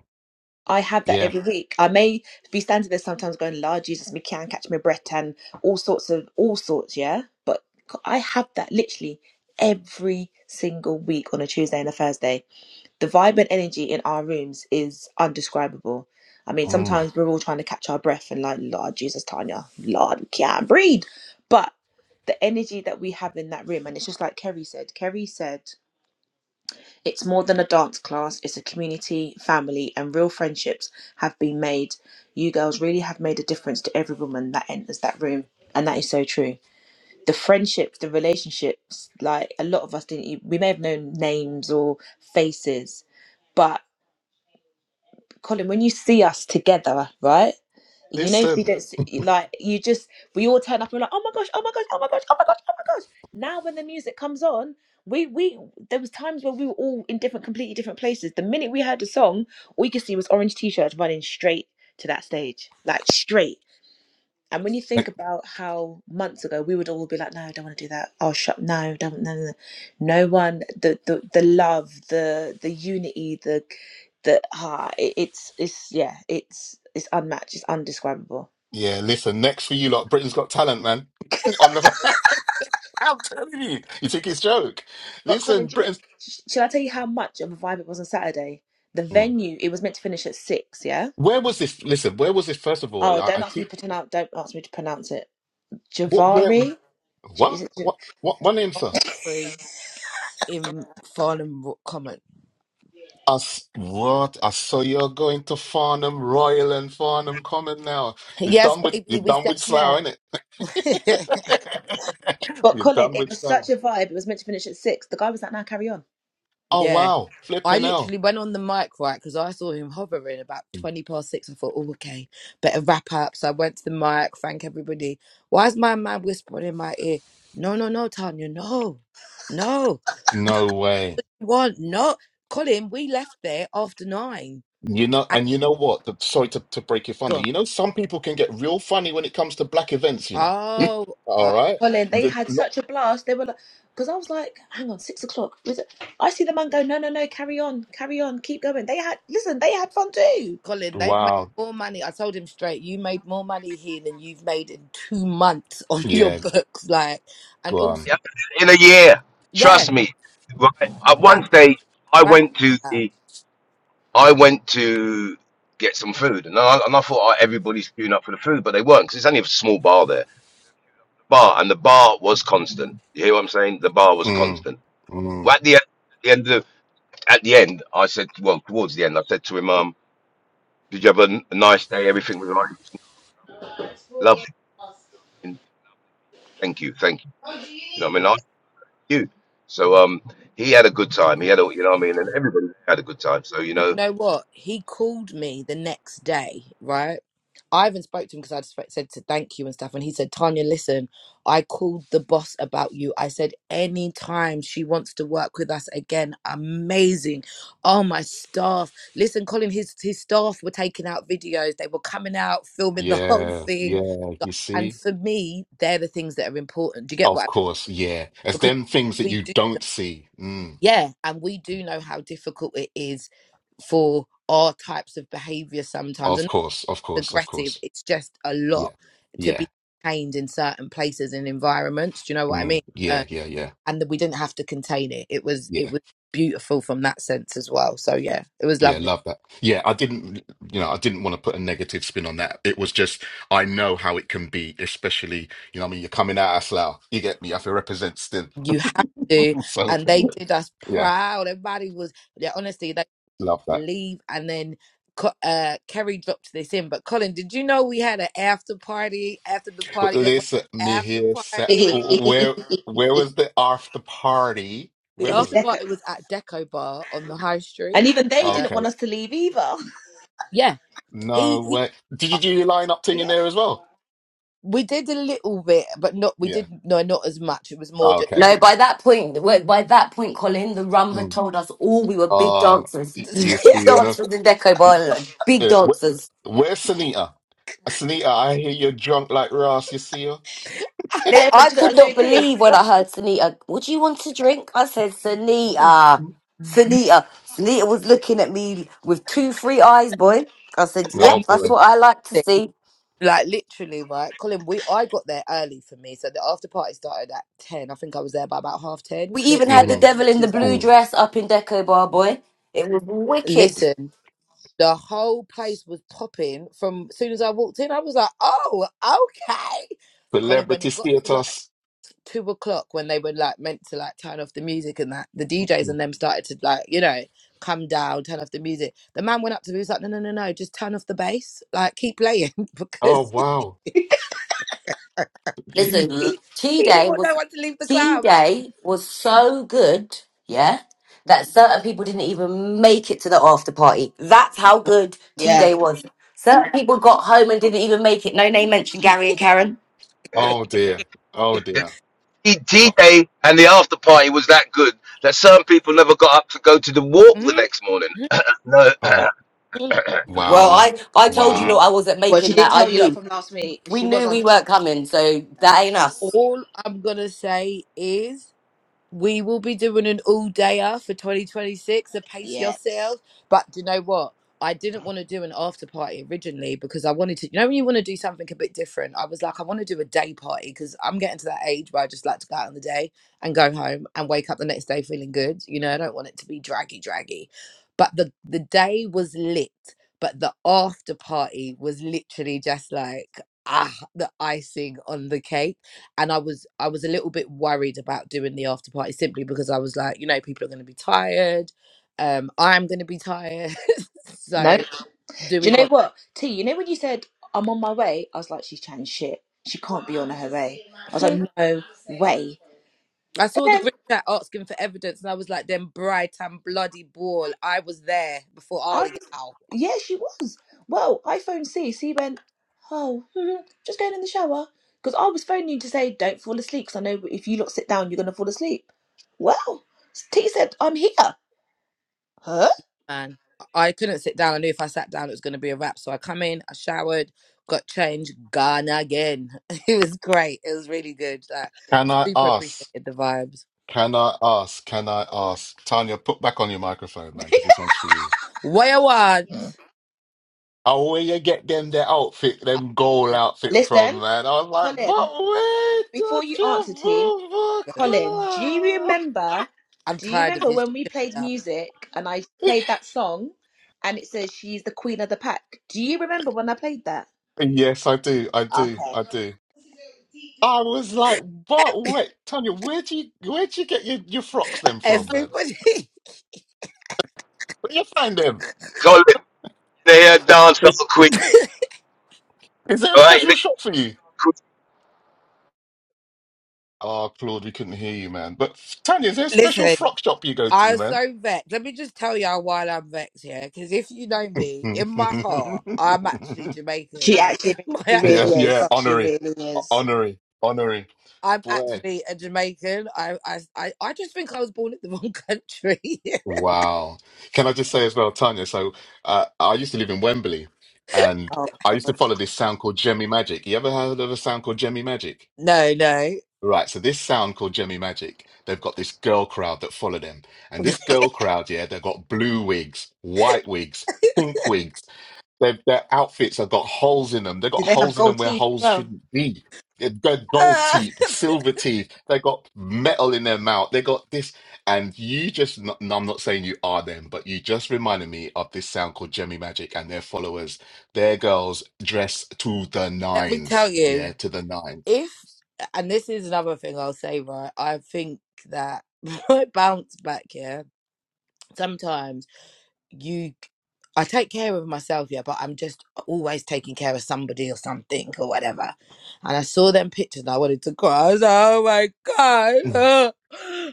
A: I have that
B: yeah.
A: every week. I may be standing there sometimes going, Lord Jesus, me can't catch my breath and all sorts of all sorts, yeah. But I have that literally every single week on a Tuesday and a Thursday. The vibe and energy in our rooms is undescribable. I mean,
B: Mm.
A: sometimes we're all trying to catch our breath and like, Lord Jesus, Tanya, Lord, we can't breathe. But the energy that we have in that room, and it's just like Kerry said. Kerry said it's more than a dance class, it's a community, family, and real friendships have been made. You girls really have made a difference to every woman that enters that room. And that is so true. The friendships, the relationships, like a lot of us didn't, e- we may have known names or faces, but. Colin, when you see us together, right? You know, if you
B: Listen,
A: don't see, like, you just, we all turn up and we're like, oh my gosh, oh my gosh, oh my gosh, oh my gosh, oh my gosh. Now, when the music comes on, we, we, there was times where we were all in different, completely different places. The minute we heard the song, all you could see was orange t-shirts running straight to that stage, like straight. And when you
B: ne-
A: think about how months ago we would all be like, no, I don't want to do that. Oh, shut, no, don't, no, no, no. No one, the, the, the love, the, the unity, the, the, ah, it, it's, it's, yeah, it's, it's unmatched, it's undescribable.
B: yeah, listen. Next for you lot, Britain's Got Talent, man. [laughs] On the, [laughs] I'm telling you, you think it's joke?
A: But Colin,
B: Listen,
A: do you know,
B: Britain's.
A: sh- shall I tell you how much of a vibe it was on Saturday? The
B: Mm.
A: venue, it was meant to finish at six, yeah?
B: Where was this? Listen, where was this? First of all,
A: Oh,
B: I,
A: don't
B: I
A: ask me
B: keep
A: to pronounce, don't ask me to pronounce it.
B: what? Where?
A: Javari? J- Is
B: What?
A: it, J-
B: What? What? My name, sir.
C: Free in final comment.
B: I s what? I saw you're going to Farnham Royal and Farnham Common now. You're
C: Yes,
B: done with
C: baby,
B: you're
C: we
B: done
C: stand
B: with
C: there.
B: Slough, innit?
C: [laughs]
B: [laughs]
A: but
B: you're
A: Colin,
B: done
A: it
B: with
A: was
B: Slough.
A: such a vibe. It was meant to finish at six. The guy was like, now carry on.
B: Oh
C: Yeah.
B: wow,
C: I
B: flipping hell.
C: literally went on the mic, right, because I saw him hovering about 20 past six. I thought, oh, okay, better wrap up. So I went to the mic, thank everybody. Why is my man whispering in my ear? No, no, no, Tanya, no, no.
B: No way.
C: You want, no. Colin, we left there after nine.
B: You know,
C: And
B: and you know what? The, sorry to, to break your
C: he's
B: thunder.
C: gone.
B: You know, some people can get real funny when it comes to black events, you know.
C: Oh,
B: All
C: uh,
B: right.
A: Colin,
B: And
A: they
B: then
A: had
B: not
A: such a blast. They were like, because I was like, hang on, six o'clock. Was it? I see the man go, no, no, no, carry on, carry on, keep going. They had, listen, they had fun too.
C: Colin, they've made
B: wow.
C: more money. I told him straight, you made more money here than you've made in two months on [laughs] your
B: Yeah,
C: books. Like, and
B: go
C: also,
B: on.
E: Yeah, in a year,
C: yeah,
E: trust me. Right at
C: that.
E: one stage, I went to the I went to get some food, and I, and I thought oh, everybody's queuing up for the food, but they weren't because it's only a small bar there. Bar, and the bar was constant. You hear what I'm saying? The bar was
B: Mm,
E: constant. Well,
B: mm,
E: At the, at the end of at the end, I said, well, towards the end, I said to him, um, "Did you have a, n- a nice day? Everything was all right. Lovely. Thank you, thank you. You know what I mean? I thank you. So um, he had a good time. He had a, you know what I mean, and everybody had a good time. So you
C: You
E: know,
C: know what? He called me the next day, right? I even spoke to him because I just said to thank you and stuff. And he said, Tanya, listen, I called the boss about you. I said, anytime she wants to work with us again, amazing. Oh, my staff. Listen, Colin, his, his staff were taking out videos, they were coming out, filming the [laughs] whole
B: yeah,
C: thing.
B: yeah. You
C: And
B: see?
C: for me, they're the things that are important. Do you get
B: Of
C: what I
B: course, yeah. As
C: Because
B: them things that
C: we
B: you
C: do
B: don't see. Mm,
C: yeah and we do know how difficult it is for our types of behavior sometimes
B: of
C: and
B: course, of
C: not
B: course, of
C: aggressive
B: course.
C: it's just a lot
B: Yeah.
C: to
B: Yeah.
C: be contained in certain places and environments do you know what i mean
B: Mm, yeah,
C: uh,
B: yeah, yeah.
C: and that we didn't have to contain it it was
B: yeah.
C: it was beautiful from that sense as well so yeah it was
B: Yeah,
C: lovely
B: love that. Yeah, I didn't, you know, I didn't want to put a negative spin on that. It was just, I know how it can be, especially, you know, what I mean, you're coming out of Slough, you get me, I feel represent still.
C: you have to
B: [laughs] So,
C: and they did us
B: yeah,
C: proud everybody was yeah honestly
B: love
C: to
B: that.
C: leave, and then Co- uh, Kerry dropped this in. But Colin, did you know we had an after party after the party that was
B: Listen, me
C: after
B: here,
A: [laughs]
B: sa-
C: party?
B: where, where was the after party?
C: The
B: Where
A: It was
B: was
C: after
B: it?
A: deco.
C: party was at Deco Bar on the High
A: And
C: Street.
A: even they
C: Uh,
A: didn't
B: Okay,
A: want us to leave either.
C: yeah, he,
B: no
C: he
B: way. Did you
C: uh,
B: do your line up
A: [laughs]
B: thing in
A: yeah.
B: there as well?
C: we did a little bit, but not we
B: Yeah.
C: did no not as much. It was more
B: Ah,
C: just
B: Okay.
D: No, by that point, well, by that point, Colin, the rum had
B: Mm.
D: told us all we were big
B: Uh,
D: dancers,
B: y-
C: [laughs]
B: you see,
D: big
C: yeah.
B: you know.
D: dancers in Deco Bar, big
B: Yeah. wh-
D: dancers.
B: Where's Sunita? Sunita, I hear you're drunk like Ross, you see her?
D: Li-
A: They, but
D: I
A: do you know
D: could
A: what the
D: not
A: joke is?
D: believe when I heard Sunita. What do you want to drink? I said, Sunita,
C: and
D: Sunita, Sunita was looking at me with two, free eyes, boy. I said,
B: No,
C: you
D: Yep, that's
C: know,
B: boy.
D: what I like to see.
C: like literally right, Colin. We I got there early for me, so the after party started at ten. I think I was there by about half ten
D: We
C: minutes
D: even
C: to
D: had the
B: Mm-hmm.
C: eleven,
D: devil
C: which
D: in the
C: is like
D: blue
B: Mm.
D: dress up in Deco Bar, boy. It was wicked.
C: listen. The whole place was popping from as soon as I walked in. I was like, oh, okay. Colin, when
B: Celebrity
C: it got to like
B: status.
C: two o'clock, when they were like meant to like turn off the music and that, the DJs
B: Mm.
C: and them started to like, you know, come down, turn off the music. The man went up to me, he was like, no, no, no, no, just turn off the bass, like keep playing [laughs]
B: Oh,
C: because
B: wow. [laughs]
D: Listen,
B: You-
C: he,
D: Tea
C: he didn't
D: Day
C: want
D: was
C: no one to leave the
D: Tea
C: club.
D: Day was so good, yeah,
C: Mm.
D: that certain people didn't even make it to the after party. That's how good Tea Day was. Certain people got home and didn't even make it. No name mentioned Gary and Karen.
E: yeah,
B: Oh,
C: [laughs]
B: dear. Oh, dear.
E: D
B: Oh,
E: Day and the after party was that good that some people never got up to go to the walk the
C: Mhm.
E: next morning.
C: Mhm.
E: No,
B: oh,
D: Well,
B: wow.
D: I I told you
E: [clears throat]
D: no,
B: Wow.
D: I wasn't
A: Well, she
D: making
A: did
D: that. I
A: tell you that
D: knew
A: from last week.
D: we
A: She was
D: knew
A: on.
D: we weren't coming, so that ain't us.
C: All I'm gonna say is We will be doing an all dayer for 2026, so pace
A: Yeah.
C: yourselves. But do you know what? I didn't want to do an after party originally because I wanted to, you know, when you want to do something a bit different, I was like, I want to do a day party because I'm getting to that age where I just like to go out on the day and go home and wake up the next day feeling good. You know, I don't want it to be draggy, draggy. But the, the day was lit, but the after party was literally just like, ah, the icing on the cake and I was I was a little bit worried about doing the after party simply because I was like, you know, people are going to be tired. Um, I'm going to be tired. [laughs]
A: No. Do
C: so do we
A: you know
C: want?
A: what? T, you know when you said, I'm on my way? I was like, she's chatting shit. She can't be on her way. I was like,
C: Mhm.
A: no way.
C: I
A: And
C: saw the
A: then
C: group chat asking for evidence, and I was like, them bright and bloody ball. I was there before
A: I
C: Ali Gal.
A: Yeah, she was. Well, iPhone C, C went, oh, [laughs] hmm, just going in the shower. Because I was phoning you to say, don't fall asleep, because I know if you lot sit down, you're going to fall asleep. Well, T said, I'm here. Huh?
C: Man, I I couldn't sit down. I knew if I sat down, it was going to be a wrap. So I come in, I showered, got changed, gone again. [laughs] it was great. It was really good. Like,
B: Can I
C: super
B: ask?
C: appreciated the vibes.
B: Can I ask? Can I ask? Tanya, put back on your microphone, man, because this one's for you.
C: Way I
B: Oh, where you get them Their outfit, them gold outfit from,
A: Listen,
B: man? I was like, but
A: Colin,
B: wait, does
A: before you
B: your
A: answer, T,
C: Colin.
A: Colin, do you
B: booba club?
A: remember?
C: I'm
A: Do you
C: tired of
A: remember
C: his
A: when we
C: shit
A: played
C: now.
A: music and I
B: [laughs]
A: played that song and it says she's the queen of the pack? Do you remember when I played that?
B: Yes, I do, I do,
A: Okay.
B: I do. I was like, but wait, Tanya, where do you where do you get your, your frocks then from then?
C: Everybody,
B: Where do you find them?
E: Colin, they had dance up a quick,
B: [laughs] Is there a
E: right?
B: special shop for you? Oh, Claude, we couldn't hear you, man. But Tanya, is there a
C: [laughs]
B: special
C: listen,
B: frock shop you go to,
C: I'm
B: man?
C: so vexed. Let me just tell y'all why I'm vexed here. Because if you know me, in my heart, I'm actually
B: [laughs]
C: Jamaican.
A: She
C: Like, [laughs]
A: actually,
C: in my
A: she
C: actual
A: really
B: yeah, yeah,
C: heart,
A: is. She
B: honorary,
A: really is.
B: honorary, honorary.
C: I'm
B: Boy.
C: actually a Jamaican. I, I, I, I just think I was born in the wrong country. [laughs]
B: Wow. Can I just say as well, Tanya? So uh, I used to live in Wembley and
A: Oh
B: I used to
A: God.
B: follow this sound called Jemmy Magic. You ever heard of a sound called Jemmy Magic?
C: no, no.
B: Right. So this sound called Jemmy Magic, they've got this girl crowd that follow them. And this girl crowd, yeah, they've got blue wigs, white wigs, pink wigs. Their, their outfits have got holes in them. They've got
A: Did they have
B: holes in
A: gold
B: them where
A: teeth as
B: holes
A: well?
B: shouldn't be. They've got gold
C: Ah,
B: teeth, silver teeth. They've got metal in their mouth. They got this. And you just, no, no, I'm not saying you are them, but you just reminded me of this sound called Jemmy Magic and their followers. Their girls dress to the
C: let me tell
B: nines. Yeah,
C: you,
B: to the nines.
C: if, and this is another thing I'll say, right? I think that [laughs] my bounce back here sometimes. you I take care of myself, yeah, but I'm just always taking care of somebody or something or whatever. And I saw them pictures and I wanted to cry. I was like, oh my God.
B: Mm.
C: ugh,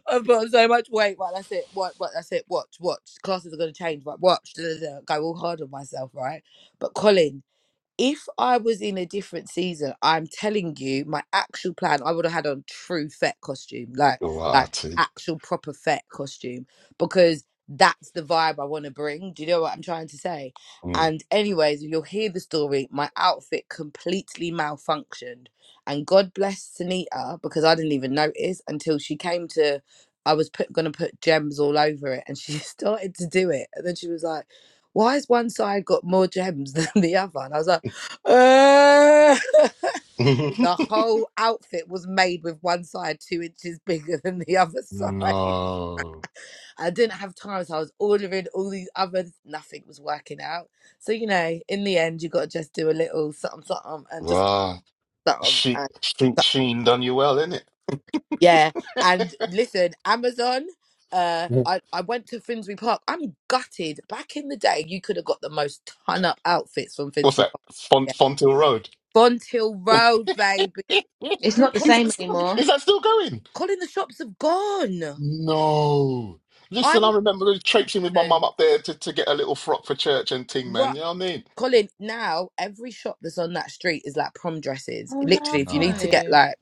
C: I've put on so much weight. Right, that's it. What what that's it. Watch, watch. Classes are gonna change, right? Watch. Da, da, da. Go all hard on myself, right? But Colin if I was in a different season, I'm telling you, my actual plan, I would have had on true Fett costume, like like
B: What?
C: actual proper Fett costume, because that's the vibe I want to bring. Do you know what I'm trying to say? And anyways, you'll hear the story. My outfit completely malfunctioned, and God bless Sunita because I didn't even notice until she came to. I was put gonna put gems all over it, and she [laughs] started to do it, and then she was like why has one side got more gems [laughs] than the other? And I was like, uh, [laughs]
B: Mm.
C: the whole outfit was made with one side two inches [laughs] bigger than the other
B: [laughs]
C: side.
B: no.
C: [laughs] I didn't have time, so I was ordering all these others. Nothing was working out. So, you know, in the end, you got to just do a little something, something, and just
B: Wow.
C: something.
B: She,
C: And,
B: she,
C: so-
B: she done you well, innit?
C: yeah. And listen, Amazon. Uh,
B: Mm.
C: I, I went to Finsbury Park. I'm gutted. Back in the day, you could have got the most ton up outfits from
B: What's
C: Finsbury
B: that?
C: Park.
B: Font,
C: Yeah.
B: Fontill Road.
C: Bond Hill
B: [laughs]
C: Road, baby.
B: is,
A: It's not the
B: that
A: same
B: still,
A: anymore.
B: is that still going?
C: Colin, the shops have gone.
B: No.
C: I'm
B: Listen, I remember traipsing with my
C: hoping.
B: mum up there to, to get a little frock for church and ting,
C: Right,
B: man. You know what I mean?
C: Colin, now every shop that's on that street is like prom dresses.
A: Oh
C: Literally, if you need to
B: Nah.
C: get
A: no.
C: like,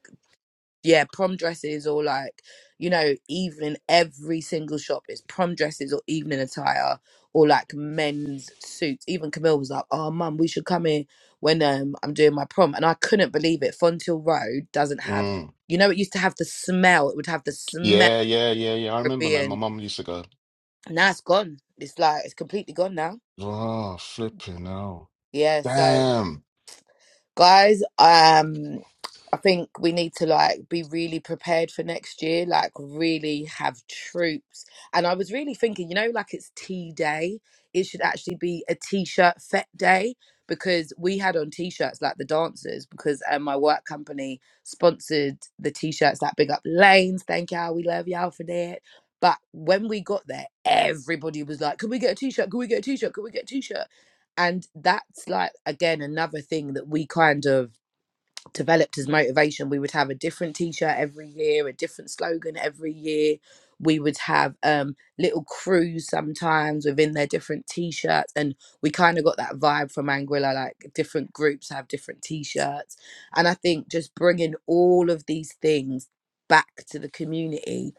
C: yeah, prom dresses or like, you know, evening, every single shop is prom dresses or evening attire or like men's suits. Even Camille was like, oh, mum, we should come in when um I'm doing my prom. And I couldn't believe it. Fontiel Road doesn't have,
B: Mm.
C: you know, it used to have the smell. It would have the smell
B: Yeah, yeah, yeah, yeah. I
C: of
B: remember, man. My
C: being,
B: mum used to go,
C: now it's gone. It's like, it's completely gone now.
B: oh, flipping hell.
C: Yeah, so
B: Damn.
C: guys, um I think we need to like be really prepared for next year, like really have troops. And I was really thinking, you know, like it's tea day, it should actually be a t-shirt fet day because we had on t-shirts like the dancers because um, my work company sponsored the t-shirts like Big Up Lanes. Thank y'all, we love y'all for that. But when we got there, everybody was like, "Can we get a t-shirt? Can we get a t-shirt? Can we get a t-shirt?" and that's like again another thing that we kind of developed as motivation we would have a different t-shirt every year a different slogan every year we would have um little crews sometimes within their different t-shirts and we kind of got that vibe from anguilla like different groups have different t-shirts and i think just bringing all of these things back to the community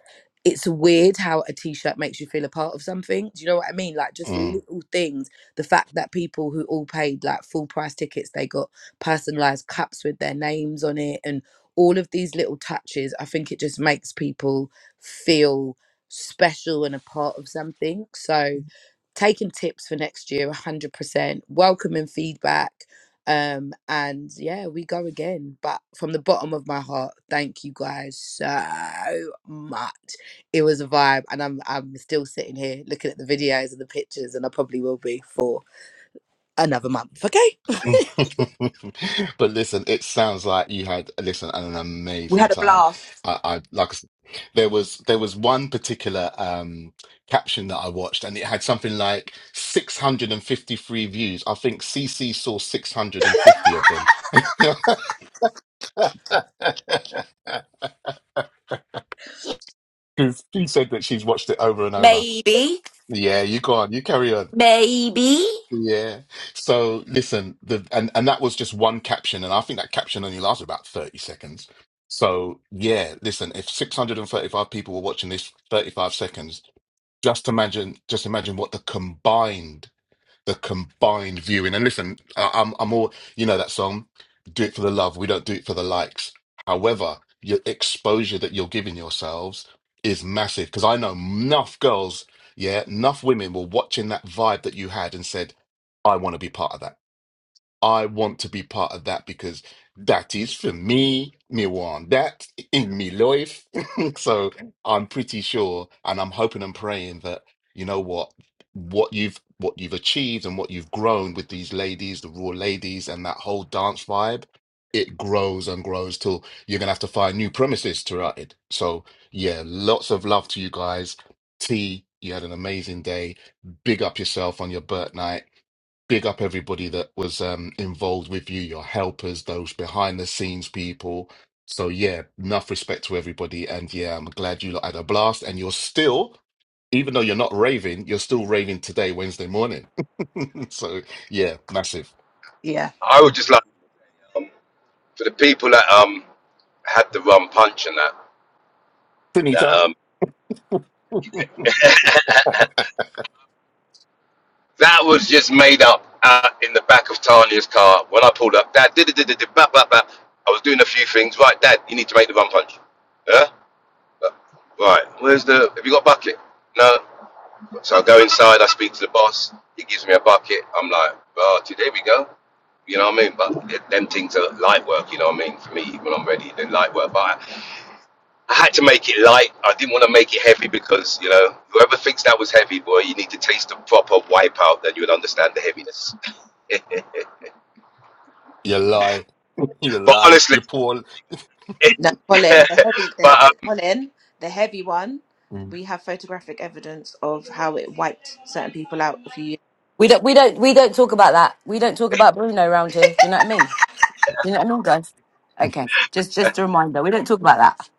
C: it's weird how a t-shirt makes you feel a part of something do you know what i mean like just
B: Mm.
C: little things the fact that people who all paid like full price tickets they got personalized cups with their names on it and all of these little touches i think it just makes people feel special and a part of something so taking tips for next year 100% welcoming feedback um and yeah we go again but from the bottom of my heart thank you guys so much it was a vibe and i'm i'm still sitting here looking at the videos and the pictures and i probably will be for another month okay
B: [laughs] But listen, it sounds like you had listen an
A: We
B: amazing
A: had a
B: time.
A: blast.
B: I, I like I s- there was there was one particular um caption that I watched and it had something like 653 views. I think CC saw 650 of them. [laughs] 'Cause she said that she's watched it over and over.
D: Maybe,
B: Yeah, you go on, you carry on.
D: maybe
B: Yeah. So listen, the and and that was just one caption, and I think that caption only lasted about 30 seconds. So yeah, listen, if 635 people were watching this 35 seconds, just imagine, just imagine what the combined the combined viewing. And listen, I, I'm I'm all you know that song, "Do It for the Love." We don't do it for the likes. However, your exposure that you're giving yourselves is massive because I know enough girls, yeah, enough women were watching that vibe that you had and said, "I want to be part of that." I want to be part of that because that is for me. Me want that in me life. [laughs] so I'm pretty sure, and I'm hoping and praying that you know what, what you've what you've achieved and what you've grown with these ladies, the raw ladies, and that whole dance vibe. It grows and grows till you're gonna have to find new premises to write it. So yeah, lots of love to you guys. T, you had an amazing day. Big up yourself on your birth night big up everybody that was um, involved with you, your helpers, those behind the scenes people. So yeah, enough respect to everybody, and yeah, I'm glad you lot had a blast, and you're still, even though you're not raving, you're still raving today, Wednesday morning. [laughs] so yeah, massive.
A: Yeah.
E: I would just like for the people that um had the rum punch and that that
B: Finita,
E: um that was just made up uh, in the back of Tanya's car when I pulled up. Dad, did did did did blah blah blah. I was doing a few things. Right, Dad, you need to make the rum punch. Yeah, right. Where's the? Have you got a bucket? No, So I go inside, I speak to the boss, he gives me a bucket. I'm like, oh, today we go. You know what I mean? But them things are light work, you know what I mean? For me, when I'm ready, they're light work. But I, I had to make it light. I didn't want to make it heavy because, you know, whoever thinks that was heavy, boy, you need to taste the proper wipeout, then you would understand the heaviness.
B: you lie, you
E: But
B: lie,
E: honestly,
B: you poor.
A: No,
E: [laughs]
A: Colin, the heavy, the,
E: but
A: the Colin, the heavy one.
B: Mm.
A: We have photographic evidence of how it wiped certain people out. If you,
D: we don't we don't we don't talk about that. We don't talk about Bruno around here. Do you know what I mean? Did it all go? Okay, just just a reminder. We don't talk about that.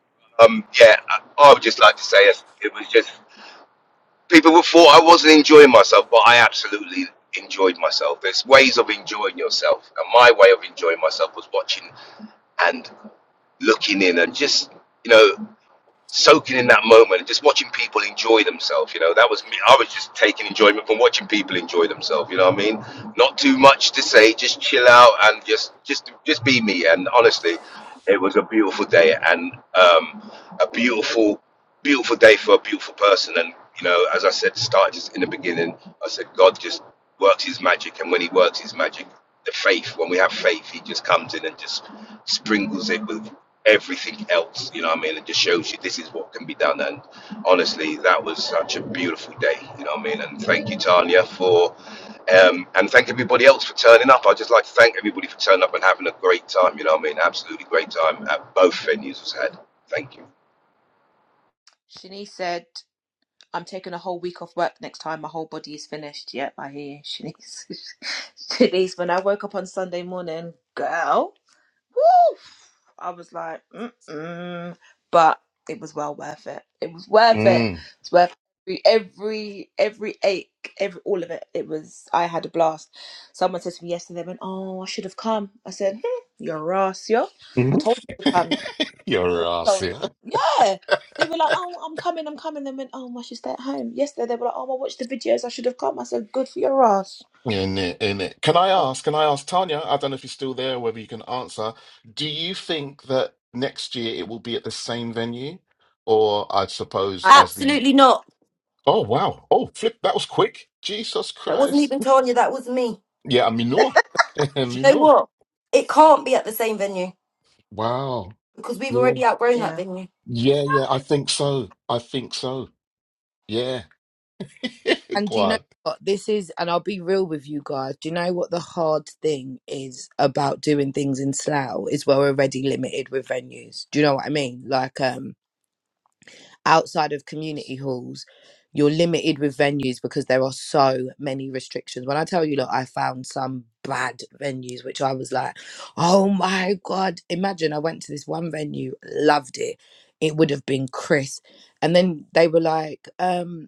E: um, yeah, I, I would just like to say it was just, people would thought I wasn't enjoying myself, but I absolutely enjoyed myself. There's ways of enjoying yourself. And my way of enjoying myself was watching and looking in and just you know soaking in that moment and just watching people enjoy themselves you know that was me i was just taking enjoyment from watching people enjoy themselves you know what i mean not too much to say just chill out and just just just be me and honestly it was a beautiful day and um, a beautiful beautiful day for a beautiful person and you know as i said started just in the beginning i said god just works his magic and when he works his magic the faith when we have faith he just comes in and just sprinkles it with everything else. You know what I mean? It just shows you this is what can be done. And honestly, that was such a beautiful day. You know what I mean? And thank you, Tanya, for um, and thank everybody else for turning up. I would just like to thank everybody for turning up and having a great time. You know what I mean? Absolutely great time at both venues was had. Thank you,
A: Shanice said, "I'm taking a whole week off work next time. My whole body is finished." Yep, I hear you, Shanice. [laughs] Shanice, when I woke up on Sunday morning, girl. Woo! I was like, mm-mm. But it was well worth it. It was worth it.
B: Mm.
A: It's worth every every every ache, every all of it. It was I had a blast. Someone said to me yesterday, they went, Oh, I should have come. I said, hmm, You're ass, yo. I told you to come.
B: [laughs] You're a
A: So
B: ass yeah.
A: yeah. They were like, Oh, I'm coming, I'm coming. They went, Oh, I should stay at home. Yesterday they were like, Oh, I watched the videos, I should have come. I said, Good for your ass.
B: In it, in it. Can I ask, can I ask Tanya, I don't know if you're still there, whether you can answer, do you think that next year it will be at the same venue? Or I suppose
A: I
B: as the
D: Absolutely not.
B: oh wow. Oh flip, that was quick. Jesus
D: That wasn't
B: Christ.
D: even Tanya, that was me.
B: Yeah, Minor. [laughs]
D: Do you know
B: Minor.
D: what? It can't be at the same venue
B: Wow.
D: because we've
B: Yeah.
D: already outgrown that
A: yeah.
D: venue.
B: Yeah, yeah, I think so. I think so. Yeah. [laughs]
C: And do
B: Go
C: you know
B: on.
C: what this is? And I'll be real with you guys. Do you know what the hard thing is about doing things in Slough? Is we're already limited with venues. Do you know what I mean? Like um, outside of community halls, you're limited with venues because there are so many restrictions. When I tell you, look, I found some bad venues, which I was like, oh my god! Imagine I went to this one venue, loved it. It would have been Chris, and then they were like, um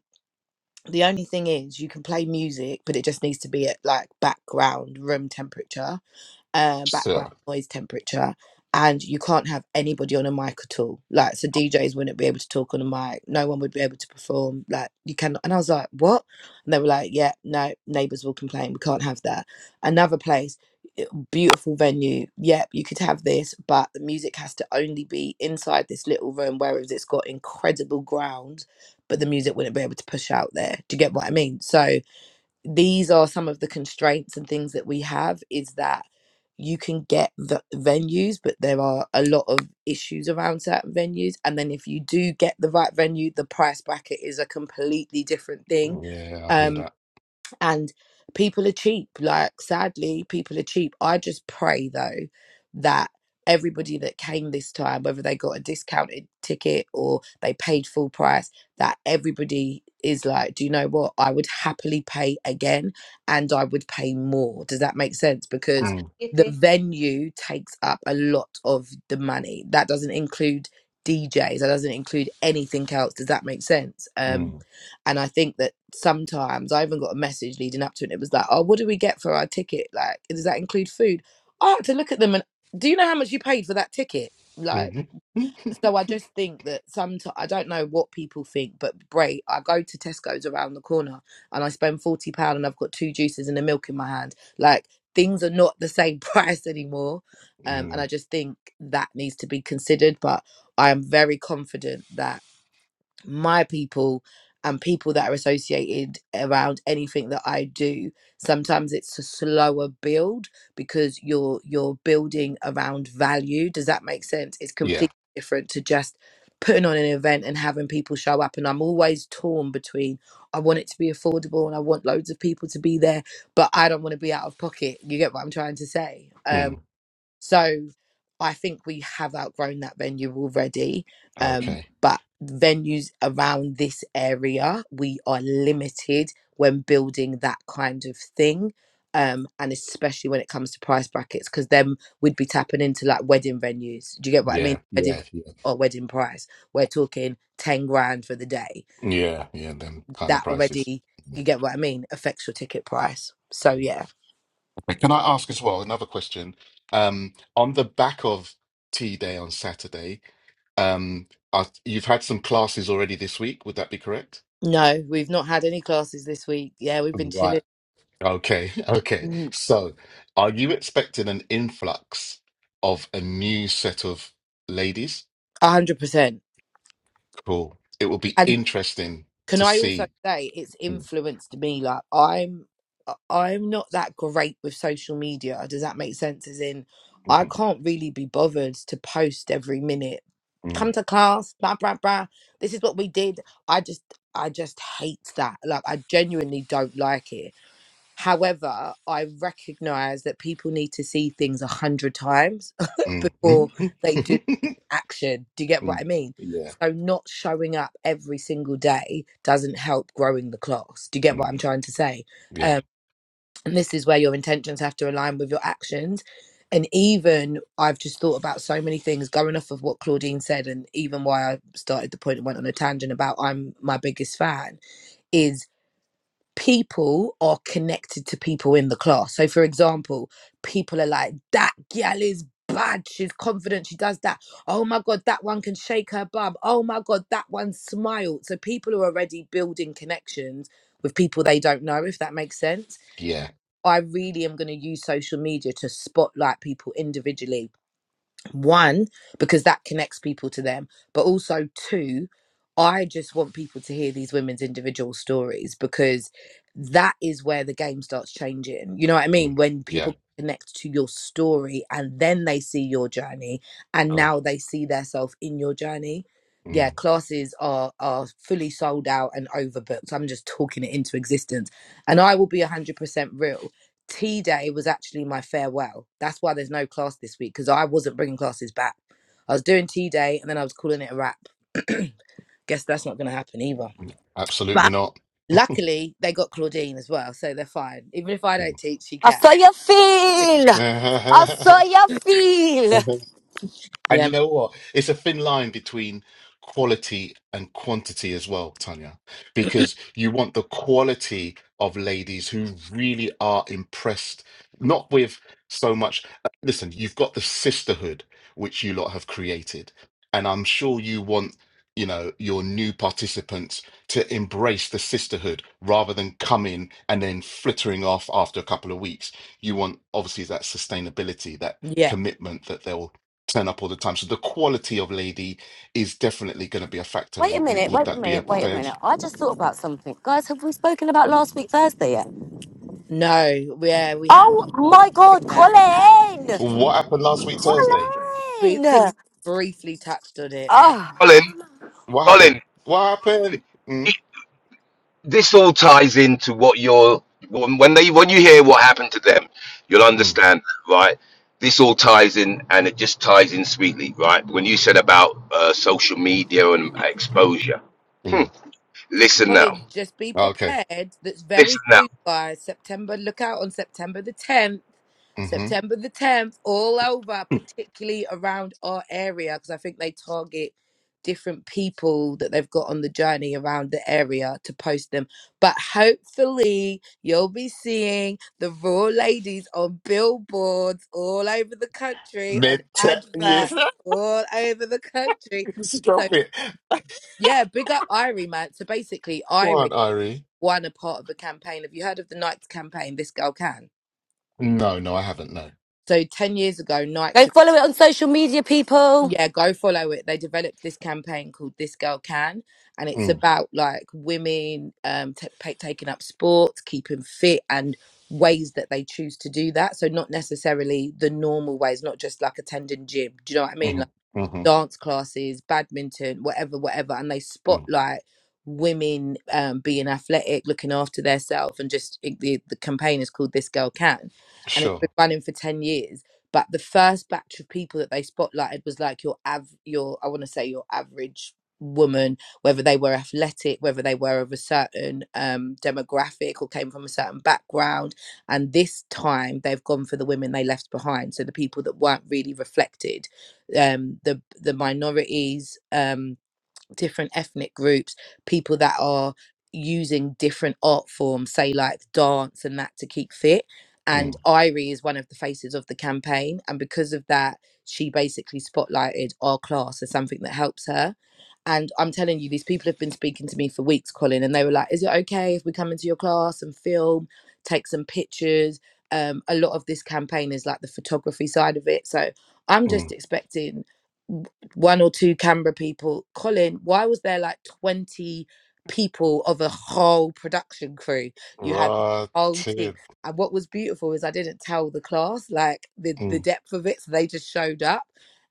C: the only thing is you can play music but it just needs to be at like background room temperature um, background
B: So
C: noise temperature, and you can't have anybody on a mic at all. Like, so DJs wouldn't be able to talk on a mic. No one would be able to perform. Like, you can. And I was like, what? And they were like, yeah, no, neighbors will complain. We can't have that. Another place, i- beautiful venue. Yep, you could have this, but the music has to only be inside this little room, whereas it's got incredible ground, but the music wouldn't be able to push out there. Do you get what I mean? So these are some of the constraints and things that we have is that you can get the venues but there are a lot of issues around certain venues and then if you do get the right venue the price bracket is a completely different thing
B: yeah, I hear
C: Um,
B: that.
C: and people are cheap like sadly people are cheap i just pray though that everybody that came this time whether they got a discounted ticket or they paid full price that everybody is like do you know what i would happily pay again and i would pay more does that make sense because
B: Mm,
C: the
A: Yippee.
C: venue takes up a lot of the money that doesn't include djs that doesn't include anything else does that make sense um
B: mm,
C: and I think that sometimes I even got a message leading up to it. and It was like, oh, what do we get for our ticket? Like, does that include food? I had to look at them and do you know how much you paid for that ticket? Like,
B: mm, mm,
C: so I just think that sometimes I don't know what people think, but great. I go to Tesco's around the corner and I spend forty pound and I've got two juices and a milk in my hand. Like things are not the same [laughs] price anymore, um, and I
B: mm.
C: just think that needs to be considered. But I am very confident that my people and people that are associated around anything that I do, sometimes it's a slower build because you're you're building around value. Does that make sense? It's
B: Yeah.
C: completely different to just putting on an event and having people show up. And I'm always torn between I want it to be affordable and I want loads of people to be there, but I don't want to be out of pocket. You get what I'm trying to say? Um,
B: Mm,
C: so I think we have outgrown that venue already. Um,
B: okay.
C: but venues around this area, we are limited when building that kind of thing. Um, and especially when it comes to price brackets, because then we'd be tapping into like wedding venues. Do you get what I mean?
B: Yeah,
C: Wedding
B: yeah, yeah,
C: or wedding price. We're talking 10 grand for the day.
B: yeah, yeah. Them kind of
C: That
B: prices.
C: already, you get what I mean, affects your ticket price. So, yeah.
B: But Can I ask as well another question? Um, on the back of Tea Day on Saturday, um, are, you've had some classes already this week. Would that be correct?
C: No, we've not had any classes this week. Yeah, we've been
B: Right.
C: chilling.
B: Okay. [laughs] Okay. So, are you expecting an influx of a new set of ladies?
C: A hundred percent.
B: Cool. It will be
C: And
B: interesting
C: can
B: to
C: I also
B: see.
C: say it's
B: Mm,
C: influenced me? Like I'm, I- am i am not that great with social media. Does that make sense? As in, I
B: mhm,
C: can't really be bothered to post every minute. Come
B: mm,
C: to class, blah blah blah. This is what we did. I just, I just hate that. Like I genuinely don't like it However, I recognize that people need to see things a hundred times [laughs] before
B: mm,
C: they do
B: mhm.
C: action. Do you
B: [laughs]
C: get what I
B: Mm,
C: mean?
B: Yeah.
C: So, not showing up every single day doesn't help growing the class. Do you get what
B: mm,
C: I'm trying to say?
B: Yeah.
C: Um, and this is where your intentions have to align with your actions. And even I've just thought about so many things going off of what Claudine said, and even why I started the point and went on a tangent about I'm my biggest fan is people are connected to people in the class. So, for example, people are like, that gal is bad. She's confident. She does that. Oh my God, that one can shake her bum. Oh my God, that one smiled. So, people are already building connections with people they don't know, if that makes sense.
B: Yeah.
C: I really am going to use social media to spotlight people individually one, because that connects people to them, but also two, I just want people to hear these women's individual stories because that is where the game starts changing. You know what I mean?
B: Mm.
C: When
B: Yeah.
C: people connect to your story and then they see your journey and
B: Oh.
C: now they see themselves in your journey. Yeah,
B: Mm.
C: classes are are fully sold out and overbooked. I'm just talking it into existence. And I will be 100% real. Tea day was actually my farewell. That's why there's no class this week because I wasn't bringing classes back. I was doing tea day and then I was calling it a wrap. [clears throat] Guess that's not going to happen either.
B: Mm. Absolutely
C: But
B: not.
C: luckily, they got Claudine as well, so they're fine. Even if I don't teach, she
D: I
C: can.
D: saw
C: [laughs]
D: your feel. I saw
B: Mm.
D: your feel.
B: [laughs] And
C: Yeah,
B: you know what? It's a thin line between quality and quantity as well, Tanya, because you want the quality of ladies who really are impressed, not with so much. Listen, you've got the sisterhood which you lot have created, and I'm sure you want. You know, your new participants to embrace the sisterhood rather than come in and then flittering off after a couple of weeks. You want obviously that sustainability, that
C: yeah.
B: commitment that they'll turn up all the time. So the quality of Lady is definitely going to be a factor.
D: Wait a
B: W- w-
D: minute.
B: would
D: Wait a
B: that be a
D: minute. Wait a
B: fair?
D: minute. I just thought about something, guys. Have we spoken about last week Thursday yet?
C: No, yeah, we have
D: Oh my
C: to break
D: God,
C: that.
D: Colin!
B: What happened last week Thursday?
C: Bri- Dick
D: Colin!
C: briefly touched on it.
D: Ah,
E: Colin.
B: What
E: Colin.
B: happened? What happened? Mm?
E: this all ties into what you're when when they when you hear what happened to them, you'll
B: Mm,
E: understand, right? This all ties in, and it just ties in sweetly, right? When you said about uh, social media and exposure, hmm.
B: mm.
E: listen now,
C: Colin, just be
B: Okay.
C: prepared. That's
E: listen
C: very
E: now.
C: soon, guys. September, look out on September the 10th.
B: Mm-hmm.
C: September the 10th, all over, particularly around our area, because I think they target different people that they've got on the journey around the area to post them. But hopefully, you'll be seeing the raw ladies on billboards all over the country, on
B: Mid you
C: adverts
B: [laughs]
C: all over the country. So
B: stop it.
C: yeah, big up Irie, man. So basically,
B: Go
C: Irie
B: on, Irie.
C: one a part of a campaign. Have you heard of the Nike's campaign? This girl can.
B: No, no, I haven't. No.
C: So ten years ago, Nike,
D: go
C: de-
D: follow it on social media, people.
C: yeah, go follow it. They developed this campaign called This Girl Can, and it's
B: Mm,
C: about like women um t- pa taking up sports, keeping fit, and ways that they choose to do that. So not necessarily the normal ways, not just like attending gym. Do you know what I mean?
B: mm, mm,
C: dance classes, badminton, whatever, whatever, and they
B: mm.
C: spotlight women um, being athletic, looking after themselves, and just it, the the campaign is called "This Girl Can," and it's been
B: Sure.
C: running for ten years. But the first batch of people that they spotlighted was like your av your I want to say your average woman, whether they were athletic, whether they were of a certain um, demographic or came from a certain background. And this time they've gone for the women they left behind, so the people that weren't really reflected um, the the minorities. Um, different ethnic groups, people that are using different art forms, say like dance and that to keep fit. And
B: Mm,
C: Irie is one of the faces of the campaign. And because of that, she basically spotlighted our class as something that helps her. And I'm telling you, these people have been speaking to me for weeks, Colin, and they were like, Is it okay if we come into your class and film, take some pictures? Um, a lot of this campaign is like the photography side of it. So I'm just
B: mm.
C: expecting one or two Canberra people. Colin, why was there like 20 people of a whole production crew? You had the whole team.
B: Rotted.
C: And what was beautiful is I didn't tell the class like the, the
B: Mm.
C: depth of it. So they just showed up.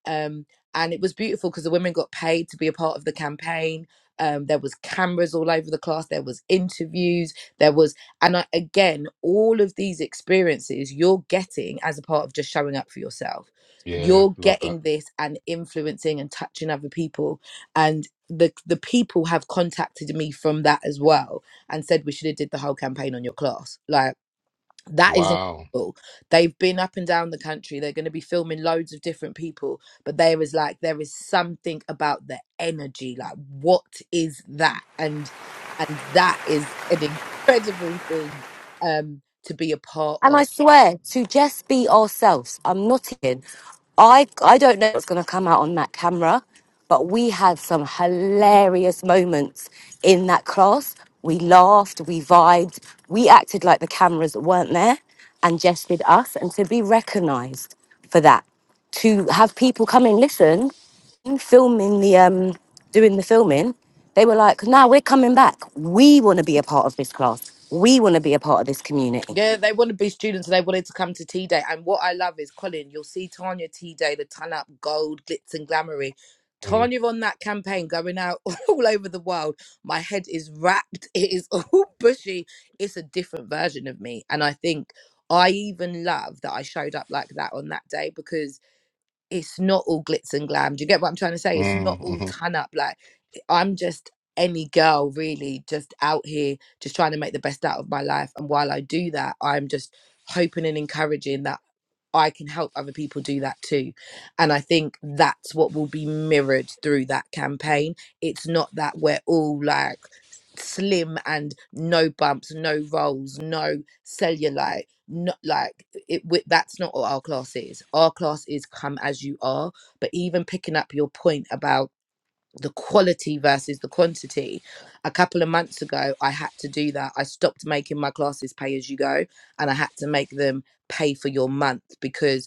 C: Um, and it was beautiful because the women got paid to be a part of the campaign. Um, there was cameras all over the class. There was interviews. There was, and I, again, all of these experiences you're getting as a part of just showing up for yourself
B: Yeah,
C: you're
B: love that.
C: getting this and influencing and touching other people and the the people have contacted me from that as well and said we should have did the whole campaign on your class like that is
B: Wow.
C: incredible they've been up and down the country they're going to be filming loads of different people but there is like there is something about the energy like what is that and and that is an incredible thing um to be a part
D: And
C: of
D: I swear to just be ourselves. I'm not kidding. I I don't know what's going to come out on that camera, but we had some hilarious moments in that class. We laughed, we vibed, we acted like the cameras weren't there, and just did us. And to be recognised for that, to have people come and listen, filming the um, doing the filming, they were like, "No, we're coming back. We want to be a part of this class. We want to be a part of this community."
C: Yeah, they want to be students and they wanted to come to Tea Day. And what I love is, Colin, you'll see Tanya Tea Day, the ton up, gold, glitz and glamoury.
B: Mm,
C: Tanya on that campaign going out [laughs] all over the world. My head is wrapped. It is [laughs] all bushy. It's a different version of me. And I think I even love that I showed up like that on that day because it's not all glitz and glam. Do you get what I'm trying to say? It's not
B: mm,
C: all
B: mm,
C: ton up. Like eh, I'm just any girl really just out here just trying to make the best out of my life. And while I do that, I'm just hoping and encouraging that I can help other people do that too. And I think that's what will be mirrored through that campaign. It's not that we're all like slim and no bumps, no rolls, no cellulite not like it with that's not what our class is our class is come as you are but even picking up your point about the quality versus the quantity a couple of months ago i had to do that i stopped making my classes pay as you go and i had to make them pay for your month because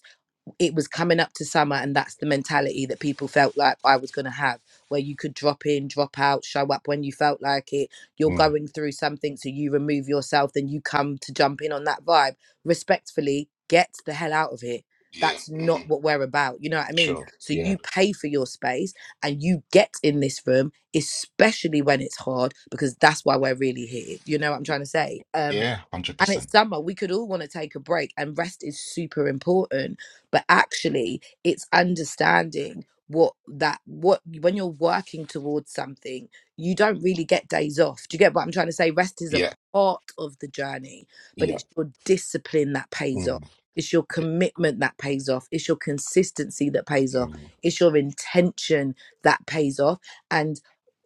C: it was coming up to summer and that's the mentality that people felt like I was going to have where you could drop in drop out show up when you felt like it you're
B: mm.
C: going through something so you remove yourself then you come to jump in on that vibe respectfully get the hell out of here.
B: Yeah.
C: that's
B: hmm
C: not what we're about you know what I mean
B: Sure.
C: so
B: Yeah.
C: you pay for your space and you get in this room especially when it's hard because that's why we're really here you know what I'm trying to say Um,
B: Yeah,
C: and
B: 100%.
C: it's summer we could all want to take a break and rest is super important but actually it's understanding what that what when you're working towards something you don't really get days off do you get what i'm trying to say rest is a
B: Yeah,
C: part of the journey but
B: yeah.
C: it's your discipline that pays
B: Mm,
C: off it's your
B: yeah.
C: commitment that pays off it's your consistency that pays off
B: Mm,
C: it's your intention that pays off and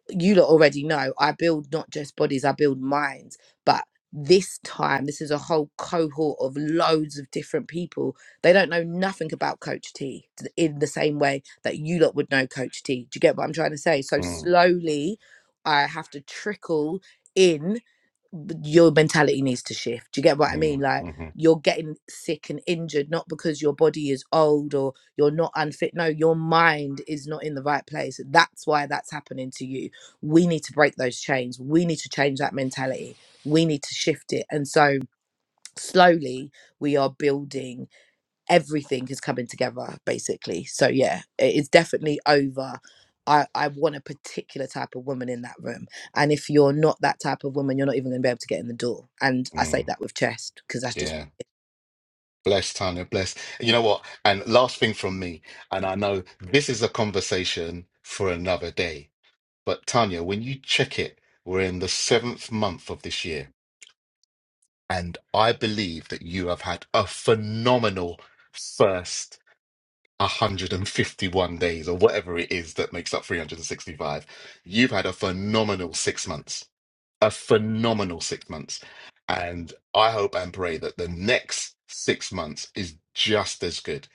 C: you lot already know I build not just bodies, I build minds. But this time, this is a whole cohort of loads of different people. They don't know nothing about Coach T t- in the same way that you lot would know Coach T. Do you get what I'm trying to say? So
B: mm,
C: slowly, I have to trickle in b- your mentality needs to shift. Do you get what I
B: mm,
C: mean? Like
B: mhm,
C: you're getting sick and injured not because your body is old or you're not unfit. No, your mind is not in the right place. That's why that's happening to you. We need to break those chains. We need to change that mentality. We need to shift it. And so slowly we are building everything is coming together basically so yeah it is definitely over I, I want a particular type of woman in that room. And if you're not that type of woman, you're not even going to be able to get in the door. And I say
B: mm.
C: that with chest because that's just
B: Yeah. Bless, Tanya, bless. You know what? And last thing from me, and I know this is a conversation for another day, but Tanya, when you check it, we're in the seventh month of this year, and I believe that you have had a phenomenal first 151 days, or whatever it is that makes up 365. You've had a phenomenal six months a phenomenal six months. And I hope and pray that the next six months is just as good,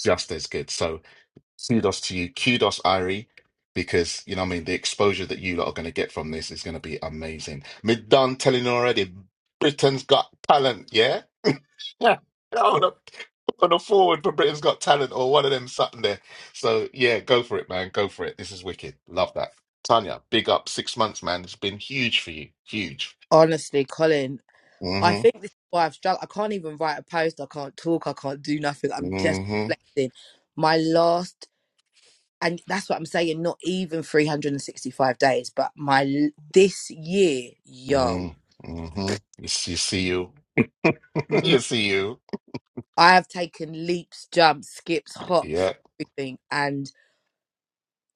B: just as good. So kudos to you. Kudos, Irie, because, you know, what I mean, the exposure that you lot are going to get from this is going to be amazing. Me done telling you already, Britain's got talent, yeah? Yeah. [laughs] On a, on a forward for Britain's got talent or one of them something there. So yeah, go for it, man. Go for it. This is wicked. Love that. Tanya, big up six months, man. It's been huge for you. Huge.
C: honestly, Colin, I
B: Mm-hmm.
C: think this is why I've struggled. I can't even write a post. I can't talk. I can't do nothing. I'm just
B: Mm-hmm.
C: reflecting. My last, and that's what I'm saying, not even 365 days, but my l- this year, yo.
B: Mm-hmm. Mm-hmm. You see, see you. [laughs] you see you.
C: I have taken leaps, jumps, skips, hops,
B: Yeah.
C: everything, and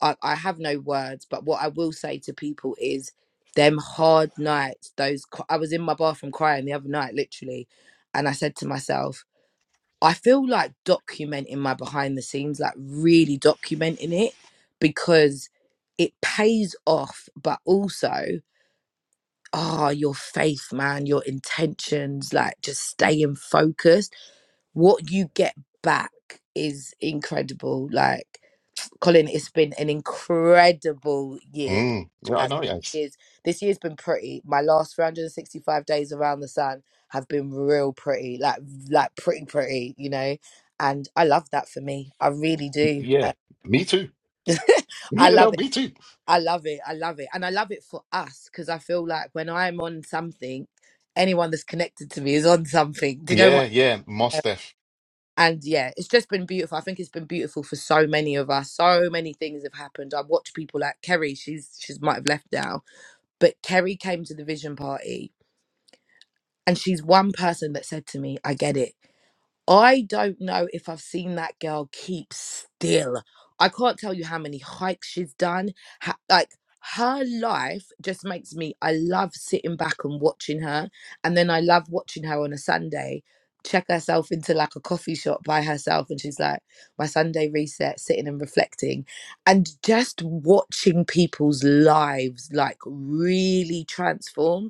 C: I, I have no words. But what I will say to people is, them hard nights, those cr- I was in my bathroom crying the other night, literally, and I said to myself, I feel like documenting my behind the scenes, like really documenting it, because it pays off, but also. ah, your faith, man, your intentions, like just staying focused what you get back is incredible. Like Colin, it's been an incredible year.
B: Mm. Yeah, I
C: As
B: know, yes.
C: is this year's been pretty. My last 365 days around the sun have been real pretty, like like pretty pretty, you know. And I love that for me. I really do.
B: Yeah.
C: Uh,
B: Me too. [laughs]
C: [laughs] I
B: You
C: love
B: know,
C: it.
B: me too.
C: I love it. I love it. And I love it for us because I feel like when I'm on something, anyone that's connected to me is on something. Do you know
B: Yeah,
C: what?
B: yeah. Mostef.
C: and yeah, it's just been beautiful. I think it's been beautiful for so many of us. So many things have happened. I watch people like Kerry. She's she's might have left now, but Kerry came to the vision party, and she's one person that said to me, "I get it. I don't know if I've seen that girl keep still. I can't tell you how many hikes she's done. ho- like her life just makes me, I love sitting back and watching her. And then I love watching her on a Sunday check herself into like a coffee shop by herself. And she's like, my Sunday reset, sitting and reflecting. And just watching people's lives like really transform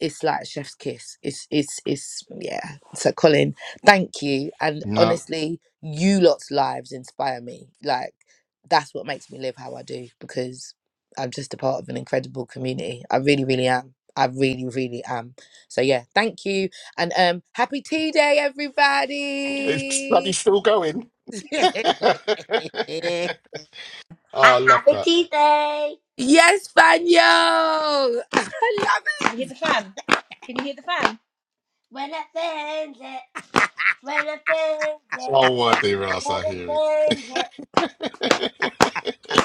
C: it's like chef's kiss. It's it's it's yeah. So Colin, thank you. And
B: No.
C: honestly, you lot's lives inspire me. Like that's what makes me live how I do because I'm just a part of an incredible community. I really, really am. I really, really am. So yeah, thank you. And um happy tea day,
B: It's bloody
C: everybody.
B: still going. [laughs] oh,
C: [laughs]
B: I
A: Ha
B: love
A: happy
B: that.
A: Tuesday.
C: yes, Fanyo! [laughs] I love it.
A: Can you hear the fan? When I find it, when I find it,
B: Oh, what the ass
A: when
B: I
A: I
B: hear
A: find it.
B: it.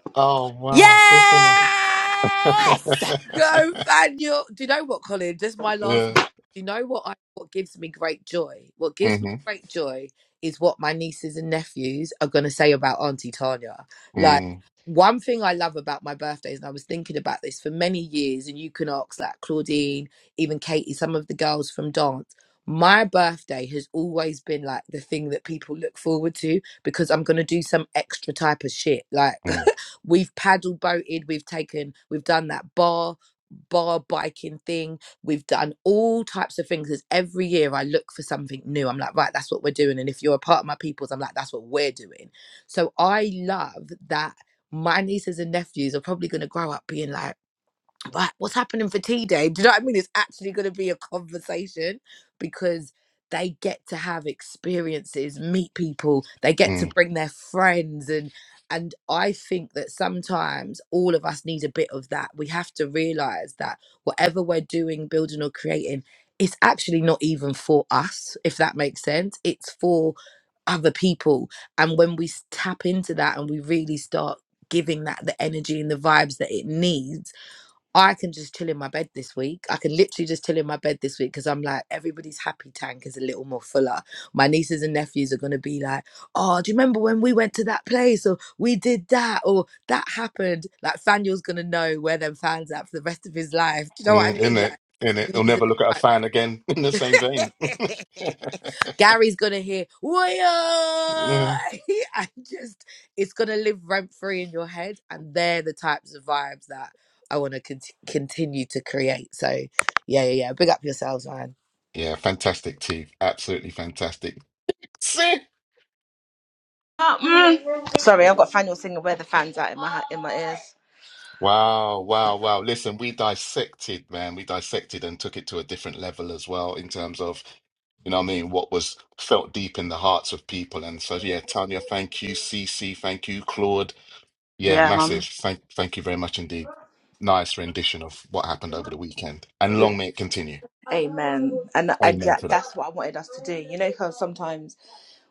B: [laughs] oh,
D: Yes!
B: wow. Flipping
C: [laughs]
B: it.
C: Go,
B: [laughs]
C: Daniel. Do you know what, Colin? Just my last. Do
B: yeah.
C: you know what? I what gives me great joy. What gives me
B: Mm-hmm.
C: great joy is what my nieces and nephews are going to say about Auntie Tanya. Like
B: Mm-hmm.
C: one thing I love about my birthdays, and I was thinking about this for many years, and you can ask that Claudine, even Katie, some of the girls from dance. My birthday has always been like the thing that people look forward to because I'm going to do some extra type of shit. Like
B: Mm-hmm.
C: [laughs] we've paddle boated, we've taken, we've done that bar, bar biking thing. We've done all types of things. 'cause every year I look for something new. I'm like, right, that's what we're doing. And if you're a part of my peoples, I'm like, that's what we're doing. So I love that my nieces and nephews are probably going to grow up being like, right, what's happening for tea day? Do you know what I mean? It's actually going to be a conversation because they get to have experiences, meet people, they get to bring their friends and and I think that sometimes all of us need a bit of that. We have to realize that whatever we're doing, building or creating, it's actually not even for us, if that makes sense. It's for other people. And when we s- tap into that and we really start giving that the energy and the vibes that it needs, I can just chill in my bed this week. I can literally just chill in my bed this week because I'm like, everybody's happy tank is a little more fuller. My nieces and nephews are going to be like, oh, do you remember when we went to that place or we did that or that happened? Like, Faniel's going to know where them fans at for the rest of his life. Do you know what I
B: Mm, in
C: mean?
B: it,
C: Like,
B: in it, he'll
C: these
B: never look at a
C: are
B: fan again. [laughs] In the same vein.
C: the
B: [laughs]
C: type. [laughs] Gary's gonna hear, "Woya!"
B: yeah,
C: [laughs] and just it's gonna live rent free in your head, and they're the types of vibes that I want to cont- continue to create. So, yeah, yeah, yeah. Big up yourselves, man.
B: Yeah, fantastic, T. Absolutely fantastic. See?
A: Oh, mm. Sorry, I've got Faniel singing "Where the Fans At" in my in my ears.
B: Wow, wow, wow. Listen, we dissected, man. We dissected and took it to a different level as well in terms of, you know what I mean, what was felt deep in the hearts of people. And so, yeah, Tanya, thank you. CC, thank you. Claude, yeah,
A: Yeah, mum.
B: massive. Thank, thank you very much indeed. Nice rendition of what happened over the weekend. And long may it continue.
A: Amen. And I,
B: Amen to
A: that-
B: that.
A: that's what I wanted us to do. You know how sometimes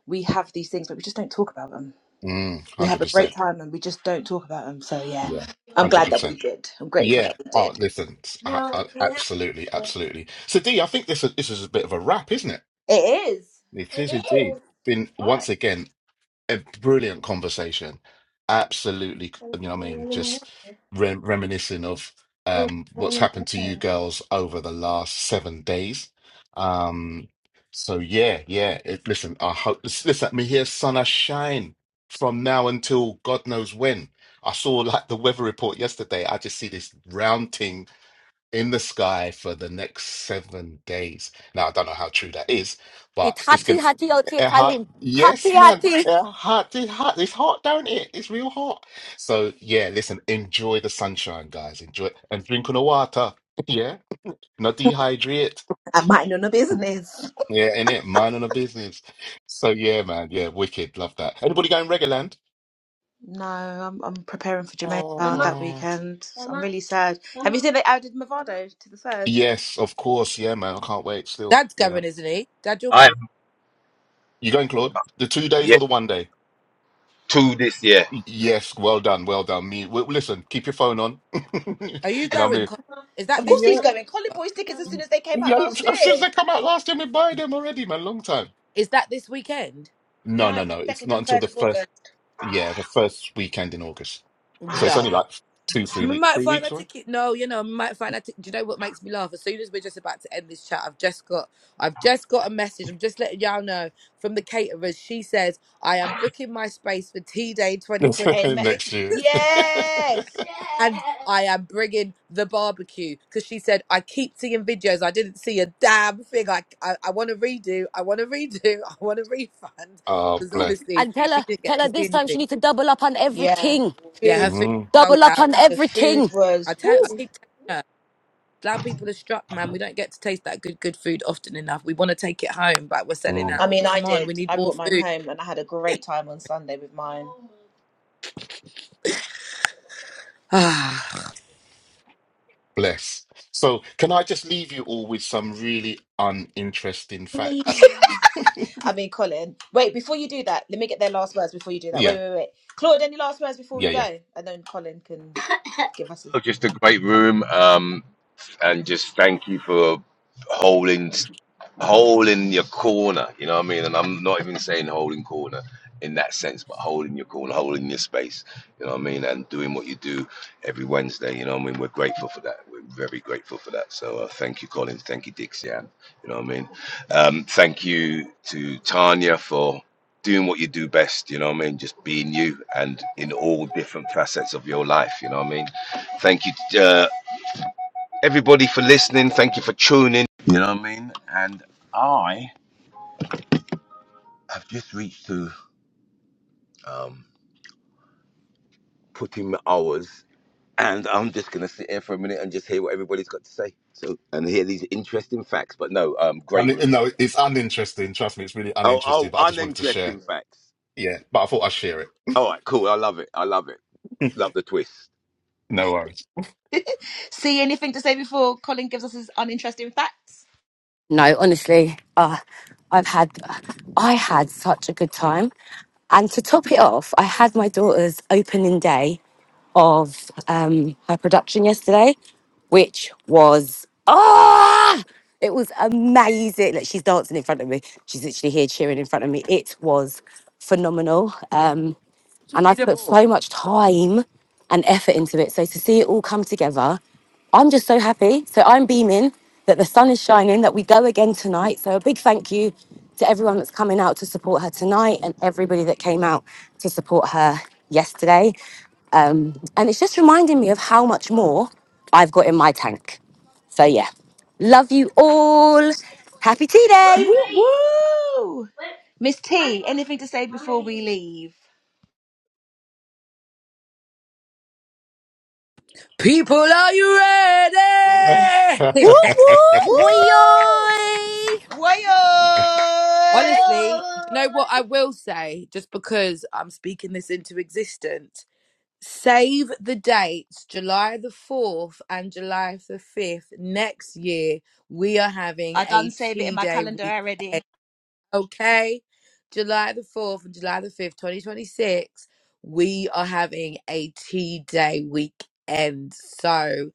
A: we have these things, but we just don't talk about them.
B: Mm,
A: We have a great
B: 100%.
A: time and we just don't talk about them. So, yeah,
B: Yeah.
A: I'm glad that we
B: 100%.
A: did. I'm grateful
B: Yeah.
A: that we
B: Oh,
A: did.
B: listen. I,
A: Well,
B: I,
A: yeah.
B: absolutely. Absolutely. So, D, I think this, is- this is a bit of a wrap, isn't it?
A: It is.
B: It is
A: It is.
B: indeed. Been once again a brilliant conversation. Absolutely, you know what I mean, just rem reminiscing of um what's happened to
A: Right.
B: you girls over the last seven days. Um so yeah, yeah. It, listen, I hope listen, listen, me hear sun I shine from now until God knows when. I saw like the weather report yesterday. I just see this round thing in the sky for the next seven days. Now I don't know how true that is, but
D: It's
B: it's
D: hati
B: gonna
D: hati ote
B: it hot.
D: Kalim. Hati
B: Yes, man.
D: hati.
B: It hot. It's hot. It's hot down here. It's real hot. So yeah, listen. Enjoy the sunshine, guys. Enjoy and drink on the water. [laughs] Yeah, not dehydrate.
A: I mind on a business.
B: Yeah, in it, mind on the business. So yeah, man. Yeah, wicked. Love that. Anybody going Land?
A: No, I'm I'm preparing for Jamaica Mama. that
B: Oh,
A: weekend. I'm Mama, really sad. Have you Mama. seen they added Movado to the third?
B: yes, of course. Yeah, man. I can't wait. Still,
C: Dad's
B: yeah.
C: going, isn't he? Dad, you're
E: I
C: going.
B: You going, Claude? The two days
E: yeah,
B: or the one day?
E: two this year.
B: Y- Yes. Well done. Well done. Me. w- Listen. Keep your phone on. [laughs] You
C: Are you
B: know what I
C: going?
B: mean?
C: Con- Is that
A: Of course
C: this
B: Yeah.
C: week?
A: he's going. Colin boys tickets as soon as they came out
B: Yeah,
A: last
B: as soon as
A: year.
B: they come out last year, we buy them already, man. Long time.
C: Is that this weekend?
B: No,
A: No.
B: no, no. It's
A: Second
B: not
A: and
B: until
A: third
B: the
A: of
B: first,
A: August.
B: yeah, the first weekend in August. So
C: No.
B: it's only like two, three
C: We
B: weeks,
C: might
B: three
C: find a
B: weeks away
C: ticket. No, you know, we might find a ticket. Do you know what makes me laugh? As soon as we're just about to end this chat, I've just got, I've just got a message. I'm just letting y'all know from the caterers. She says, "I am booking my space for Tea Day 2026."
B: [laughs]
A: Amen.
B: next year.
C: [laughs]
B: [laughs]
A: Yes.
C: and I am bringing the barbecue because she said I keep seeing videos. I didn't see a damn thing. I I, I want to redo. I want to redo. [laughs] I want to refund
B: Oh,
C: because
B: bless.
C: obviously
D: And tell
C: she
D: her,
C: didn't
D: tell
C: get
D: her
C: to see
D: this time she
C: anything.
D: need to double up on
A: Yeah.
D: everything.
C: Yeah, her
A: Food.
C: food
B: Mm,
C: sold
D: Double up
C: out.
D: on
A: The food
D: everything.
C: I
A: was.
C: tell. I
A: Whew.
C: keep telling her. Our people are struck, man. We don't get to taste that good, good food often enough. We want to take it home, but we're selling
B: mm,
A: I
C: out.
A: mean, I
C: Come on, we
A: did.
C: need
A: I
C: more
A: brought mine
C: food. [sighs]
A: home, and I had a great time on Sunday with mine.
C: Ah,
B: bless. So can I just leave you all with some really uninteresting facts?
A: I mean, Colin. Wait, before you do that, let me get their last words before you do that. Wait,
B: Yeah,
A: wait, wait. Claude, any last words before we
B: yeah, yeah.
A: go? And then Colin can [coughs] give us
E: Oh,
A: his.
E: Just a great room. Um, and just thank you for holding holding your corner. You know what I mean? And I'm not even saying holding corner in that sense, but holding your corner, holding your space. You know what I mean? And doing what you do every Wednesday. You know what I mean? We're grateful for that. We're very grateful for that. So uh, thank you, Colin. Thank you, Dixie Ann. You know what I mean? Um, thank you to Tanya for doing what you do best you know what i mean just being you and in all different facets of your life you know what i mean thank you uh, everybody for listening. Thank you for tuning. You know what I mean? And I have just reached to um, put in my hours, and I'm just gonna sit here for a minute and just hear what everybody's got to say. So and hear these interesting facts. But no, um, great
B: And
E: room.
B: it- no, it's uninteresting. Trust me, it's really
E: Oh,
B: uninteresting.
E: oh,
B: But I just wanted to share.
E: uninteresting facts.
B: Yeah, but I thought I'd share it.
E: All right, cool. I love it. I love it. Love the twist.
B: [laughs] No worries.
A: See, anything to say before Colin gives us his uninteresting facts?
D: No, honestly, uh, I've had, I had such a good time. And to top it off, I had my daughter's opening day of um, her production yesterday, which was ah, it was amazing. Like she's dancing in front of me. She's literally here cheering in front of me. It was phenomenal and I've put so much time and effort into it. So to see it all come together, I'm just so happy. So I'm beaming that the sun is shining, that we go again tonight. So a big thank you to everyone that's coming out to support her tonight and everybody that came out to support her yesterday. Um, and it's just reminding me of how much more I've got in my tank. So yeah, love you all. Happy tea day.
A: Woo, woo! Miss T, anything to say before we leave?
C: people, are you
D: Woo
C: ready?
B: [laughs]
A: Woo!
D: woo, woi, oi.
A: Wayo!
C: [laughs] Honestly, do you know what I will say? Just because I'm speaking this into existence, save the dates, July the 4th and July the 5th. Next year, we are having
A: I done
C: a
A: save it in
C: tea
A: my
C: day
A: calendar
C: weekend.
A: already.
C: Okay, July the 4th and July the 5th, 2026, we are having a tea day weekend. So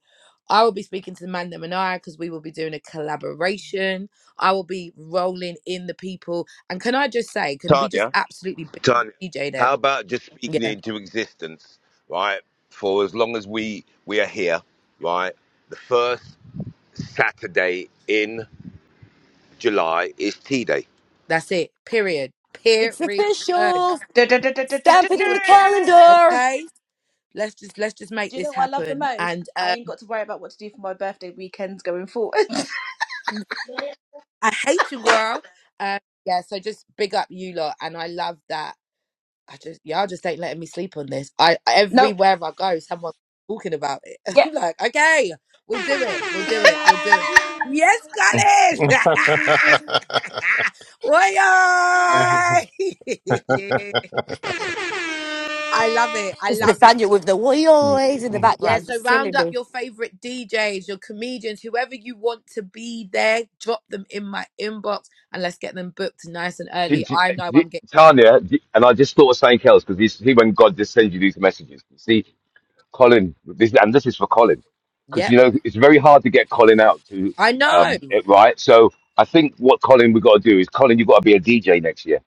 C: I will be speaking to the man that and I because we will be doing a collaboration. I will be rolling in the people. And can I just say, can we just
E: Tanya,
C: absolutely be
E: Tanya,
C: DJ
E: how
C: them?
E: about just speaking it
C: Yeah,
E: into existence, right? For as long as we we are here, right? The first Saturday in. July is Tea Day.
C: that's it. Period. Period.
D: It's official. Stamp it in the
C: Period.
A: Du-du-du-du-du-du-du-du.
D: calendar.
C: Okay. Let's just let's just make
A: Do you
C: this
A: know what I love the
C: happen.
A: most?
C: And um
A: I ain't got to worry about what to do for my birthday weekends going forward. [laughs]
C: I hate you, girl. Uh, yeah, so just big up you lot, and I love that. I just y'all just ain't letting me sleep on this. I
A: Nope.
C: everywhere I go, someone's talking about it. [laughs]
A: yeah.
C: I'm like, okay, we'll do it, we'll do it, we'll do it. Yes, Colin. [laughs] Oi, oi! [laughs] I love it. I
D: It's
C: love it.
D: Nathaniel with the oi ois in the
C: Yeah,
D: background.
C: so
D: It's
C: round
D: killing
C: up
D: me.
C: your favorite DJs, your comedians, whoever you want to be there, drop them in my inbox and let's get them booked nice and early.
E: Did you,
C: I know
E: did,
C: I'm getting,
E: Tanya, did- and I just thought of something else because you see when God just sends you these messages. You see, Colin, this, and this is for Colin, because
C: yep,
E: you know it's very hard to get Colin out to
C: I know.
E: um, it right. So I think what Colin we got to do is Colin, you've got to be a DJ next year.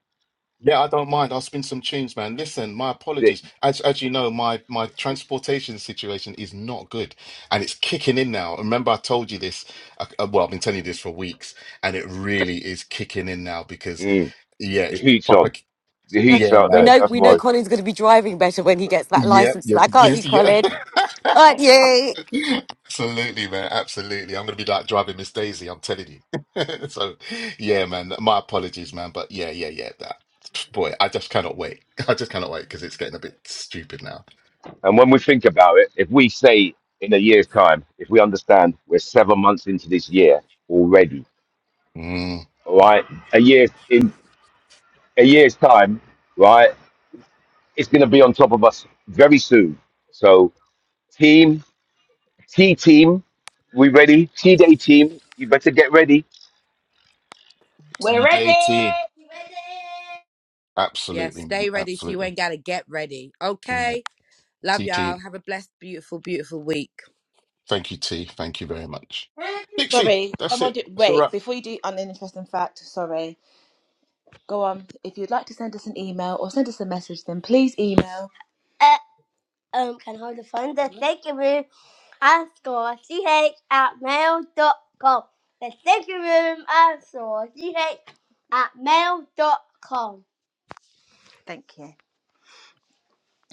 B: Yeah, I don't mind. I'll spin some tunes, man. Listen, my
E: The,
B: apologies. As as you know, my my transportation situation is not good, and it's kicking in now. Remember, I told you this. uh uh, well, I've been telling you this for weeks, and it really is kicking in now because
E: mm,
B: yeah,
E: the
B: it's
E: heat's
B: proper.
E: on, the heat's
B: Yeah,
E: out
D: We
E: there.
D: know
E: That's
D: we know
B: man.
E: why.
D: Colin's gonna be driving better when he gets that
B: Yep.
D: license
B: Yep.
D: back, aren't you,
B: Yes. Yeah.
D: Colin? Aren't you?
B: [laughs] Absolutely, man. Absolutely. I'm gonna be like driving Miss Daisy. I'm telling you. [laughs] So, yeah, man. My apologies, man. But yeah, yeah, yeah. That boy, I just cannot wait. [laughs] I just cannot wait because it's getting a bit stupid now.
E: And when we think about it, if we say in a year's time, if we understand we're seven months into this year already,
B: Mm.
E: all right, a year in a year's time, right? It's going to be on top of us very soon. So, team, T team, we ready? T day team, you better get ready.
A: We're ready.
B: CJT.
C: Yeah,
B: Absolutely, man.
C: stay ready so you
B: Absolutely.
C: ain't got to get ready.
B: Isn't it?
C: Okay. Love y'all.
B: CT.
C: Have a blessed, beautiful, beautiful week.
B: Thank you, T. Thank you very much. Dixie.
A: Sorry,
B: That's
A: someone
B: it.
A: do.
B: That's a
A: Wait,
B: wrap.
A: before you do an interesting fact, sorry. Go on. If you'd like to send us an email or send us a message, then please email. um can hold the phone. The second room I saw ch at mail dot com. The second room I saw ch at mail dot com. Thank you.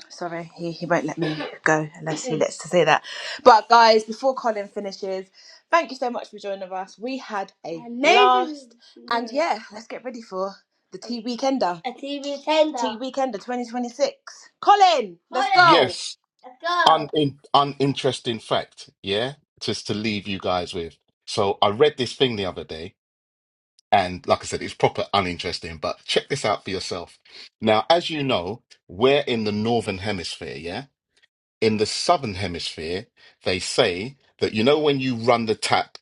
A: Sorry, he, he won't let me go unless he lets to say that. But guys, before Colin finishes, thank you so much for joining us. We had a Amazing. blast. And Yeah. yeah, let's get ready for the Tea Weekender. A TV tender. Tea Weekender 2026. Colin, let's Hold go.
B: Yes.
A: Let's go.
B: un, uninteresting fact, yeah, just to leave you guys with. So I read this thing the other day, and like I said, it's proper uninteresting, but check this out for yourself. Now, as you know, we're in the northern hemisphere, yeah? In the southern hemisphere, they say that, you know, when you run the tap,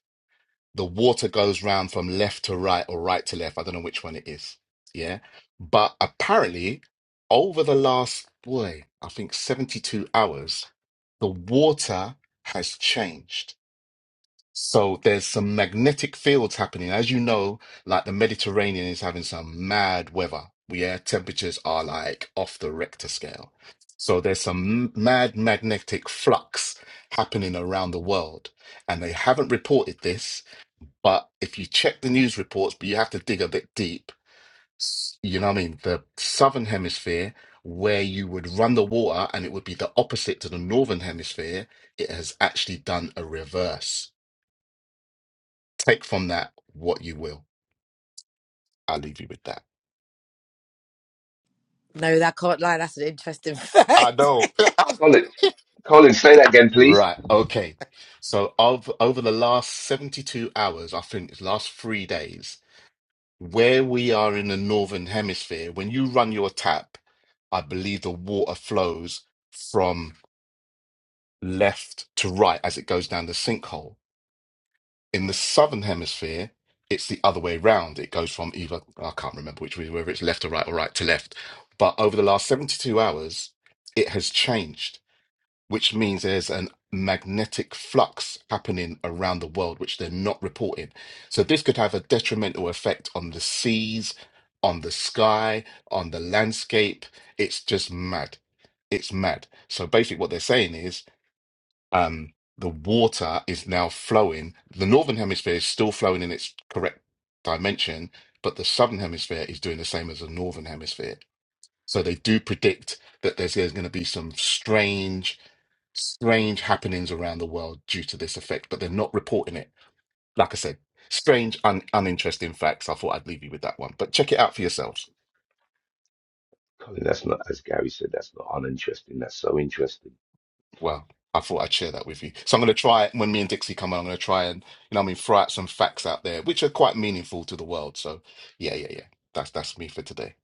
B: the water goes round from left to right or right to left. I don't know which one it is, yeah? But apparently, over the last, boy, I think 72 hours, the water has changed. So there's some magnetic fields happening. As you know, like the Mediterranean is having some mad weather where temperatures are like off the Richter scale. So there's some m- mad magnetic flux happening around the world. And they haven't reported this, but if you check the news reports, but you have to dig a bit deep s- you know what I mean, the southern hemisphere, where you would run the water and it would be the opposite to the northern hemisphere, it has actually done a reverse. Take from that what you will. I'll leave you with that.
C: No, that can't lie. That's an interesting [laughs]
B: I
C: fact.
B: know.
E: Colin,
B: [laughs]
E: Colin, say that again, please.
B: right. Okay. So of over the last 72 hours, I think it's last three days, where we are in the northern hemisphere, when you run your tap, I believe the water flows from. left to right as it goes down the sinkhole. In the southern hemisphere, it's the other way round. It goes from either, I can't remember which way, whether it's left or right or right to left. But over the last 72 hours, it has changed, which means there's an magnetic flux happening around the world, which they're not reporting. So this could have a detrimental effect on the seas, on the sky, on the landscape. It's just mad. It's mad. So basically, what they're saying is um, the water is now flowing. The northern hemisphere is still flowing in its correct dimension, but the southern hemisphere is doing the same as the northern hemisphere. So they do predict that there's, there's going to be some strange, strange happenings around the world due to this effect, but they're not reporting it. Like I said, strange, un- uninteresting facts. I thought I'd leave you with that one, but check it out for yourselves.
E: Colin, that's not, as Gary said, that's not uninteresting. That's so interesting.
B: Well, I thought I'd share that with you. So I'm going to try when me and Dixie come on. I'm going to try and you know what I mean throw out some facts out there which are quite meaningful to the world. So yeah, yeah, yeah. That's that's me for today.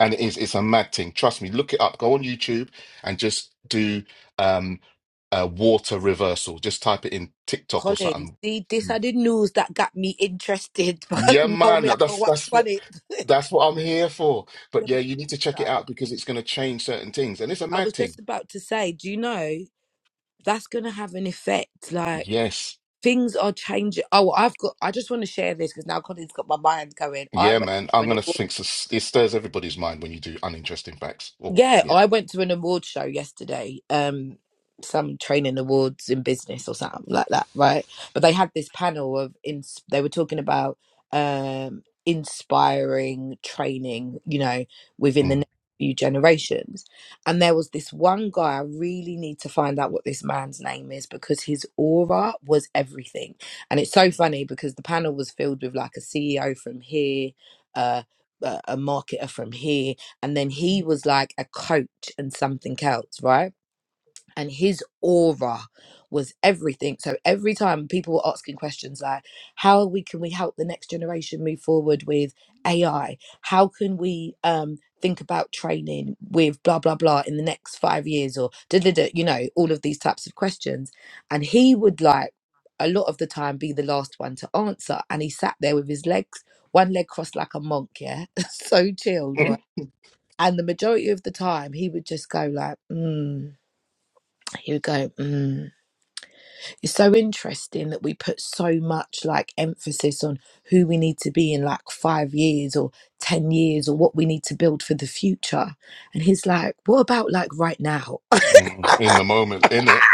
B: And it is it's a mad thing. Trust me. Look it up. Go on YouTube and just do um uh, water reversal. Just type it in TikTok or
C: Colin,
B: something.
C: see, this are the news that got me interested, [laughs] but
B: Yeah,
C: no,
B: man.
C: me, I go
B: That's
C: watch
B: that's what
C: on it. [laughs]
B: that's what I'm here for.
C: Yeah,
B: But yeah,
C: but
B: you need to check it
C: also,
B: out because it's going to change certain things. And it's a
C: I was
B: mad thing.
C: just about to say, do you know? that's gonna have an effect. Like
B: Yes.
C: things are changing. Oh, I've got. I just want to share this because now Colin's got my mind going. I
B: Yeah,
C: went.
B: man.
C: to
B: I'm gonna
C: an
B: think this, it stirs everybody's mind when you do uninteresting facts. Or
C: Yeah,
B: yeah,
C: I went to an award show yesterday. Um, some training awards in business or something like that, right? But they had this panel of ins. They were talking about um inspiring training, you know, within the
B: mm.
C: next few generations. And there was this one guy. I really need to find out what this man's name is because his aura was everything. And it's so funny because the panel was filled with like a CEO from here, uh, a a marketer from here and then he was like a coach and something else, right? And his aura was everything. So every time people were asking questions like, "How we can we help the next generation move forward with AI? How can we um, think about training with blah blah blah in the next five years or da da da?" You know, all of these types of questions, and he would like a lot of the time be the last one to answer, and he sat there with his legs. One leg crossed like a monk, yeah, [laughs] so chilled, right?
B: Mm.
C: And the majority of the time, he would just go like, mm. he would go, mm. It's so interesting that we put so much like emphasis on who we need to be in like five years or 10 years or what we need to build for the future. And he's like, what about like right now?
B: Mm. In the moment, in it,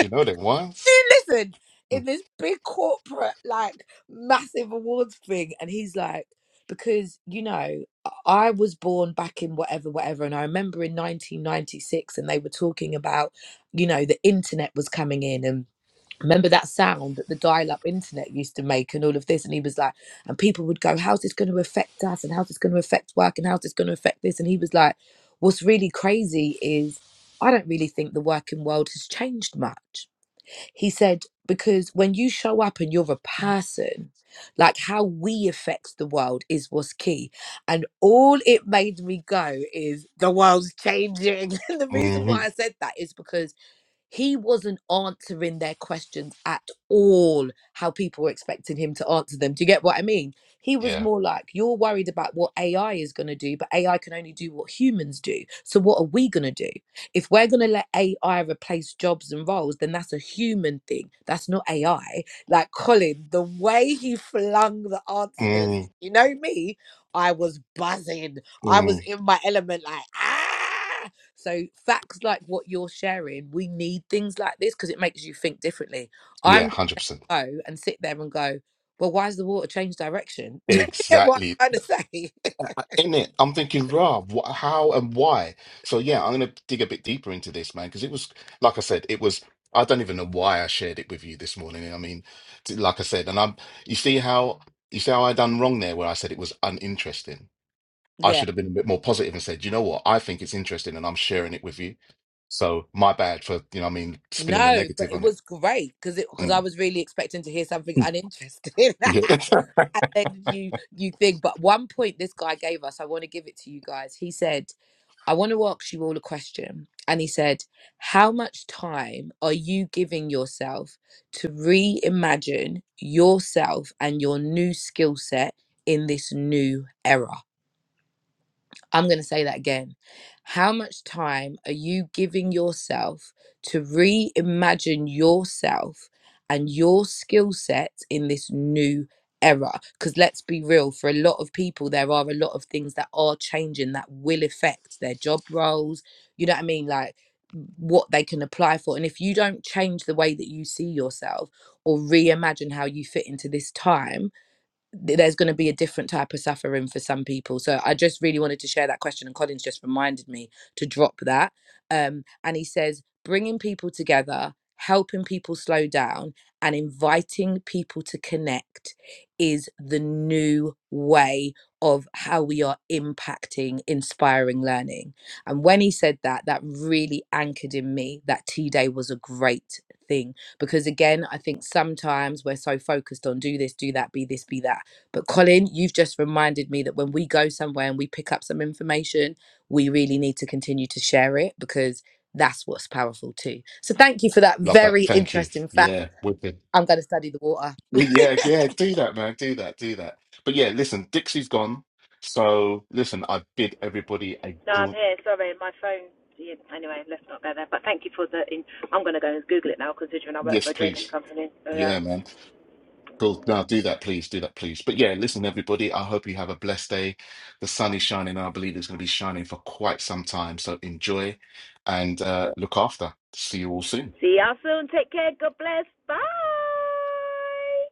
B: you know there was.
C: listen in
B: Mm.
C: this big corporate like massive awards thing and he's like because you know i I was born back in whatever whatever and i remember in 1996 and they were talking about you know the internet was coming in and remember that sound that the dial-up internet used to make and all of this and he was like and people would go how's this going to affect us and how's this going to affect work and how's this going to affect this and he was like what's really crazy is i don't really think the working world has changed much he said, because when you show up and you're a person, like how we affect the world is what's key. And all it made me go is the world's changing. [laughs] and the reason why I
B: Mhm.
C: said that is because he wasn't answering their questions at all, how people were expecting him to answer them. Do you get what I mean? He was
B: Yeah.
C: more like, You're worried about what AI is going to do, but AI can only do what humans do. So, what are we going to do? If we're going to let AI replace jobs and roles, then that's a human thing. That's not AI. Like Colin, the way he flung the answers,
B: Mm.
C: you know me, I was buzzing. I was
B: Mm.
C: in my element, like, ah. So facts like what you're sharing, we need things like this because it makes you think differently. I'm
B: Yeah, hundred percent.
C: gonna go and sit there and go, well, why has the water changed direction? [laughs] You Get what
B: Exactly.
C: I'm trying to say? [laughs]
B: uh, In it, I'm thinking, raw. wh- how and why? So yeah, I'm gonna dig a bit deeper into this, man, because it was, like I said, it was. I don't even know why I shared it with you this morning. I mean, t- like I said, and I'm. You see how you see how I done wrong there, where I said it was uninteresting. I
C: Yeah.
B: should have been a bit more positive and said, you know what, I think it's interesting and I'm sharing it with you. So my bad for, you know, what I mean, spinning a
C: No, but
B: negative
C: it
B: on it.
C: was great because it because I
B: Mm.
C: was really expecting to hear something
B: Mm.
C: uninteresting.
B: Yeah.
C: [laughs]
B: [laughs]
C: and then you you think but one point this guy gave us i want to give it to you guys he said i want to ask you all a question and he said how much time are you giving yourself to reimagine yourself and your new skill set in this new era I'm going to say that again. How much time are you giving yourself to reimagine yourself and your skill set in this new era? Because let's be real, for a lot of people, there are a lot of things that are changing that will affect their job roles. You know what I mean? Like, what they can apply for. And if you don't change the way that you see yourself or reimagine how you fit into this time, th- there's going to be a different type of suffering for some people. So I just really wanted to share that question, and Collins just reminded me to drop that. Um, and he says, bringing people together, helping people slow down, and inviting people to connect is the new way of how we are impacting, inspiring learning. And when he said that, that really anchored in me that T Day was a great thing because again i think sometimes we're so focused on do this do that be this be that but Colin, you've just reminded me that when we go somewhere and we pick up some information, we really need to continue to share it because that's what's powerful too. So thank you for that
B: Love that.
C: very
B: Thank you.
C: interesting fact.
B: Yeah. Wicked.
C: I'm going to study the water. [laughs]
B: Yeah, yeah, do that, man. Do that, do that. But yeah, listen, Dixie's gone. So listen, I bid everybody a
A: No, I'm
B: gr
A: here. Sorry, my phone. yeah, Anyway, let's not go there. But thank you for the. In- I'm going to go and Google it now, considering I work for
B: yes,
A: a drainage
B: please.
A: company. So yeah.
B: Yeah, man. Cool. Now do that, please. Do that, please. But yeah, listen, everybody. I hope you have a blessed day. The sun is shining. and I believe it's going to be shining for quite some time. So enjoy and uh, look after. See you all soon.
A: See y'all soon. Take care. God bless. Bye.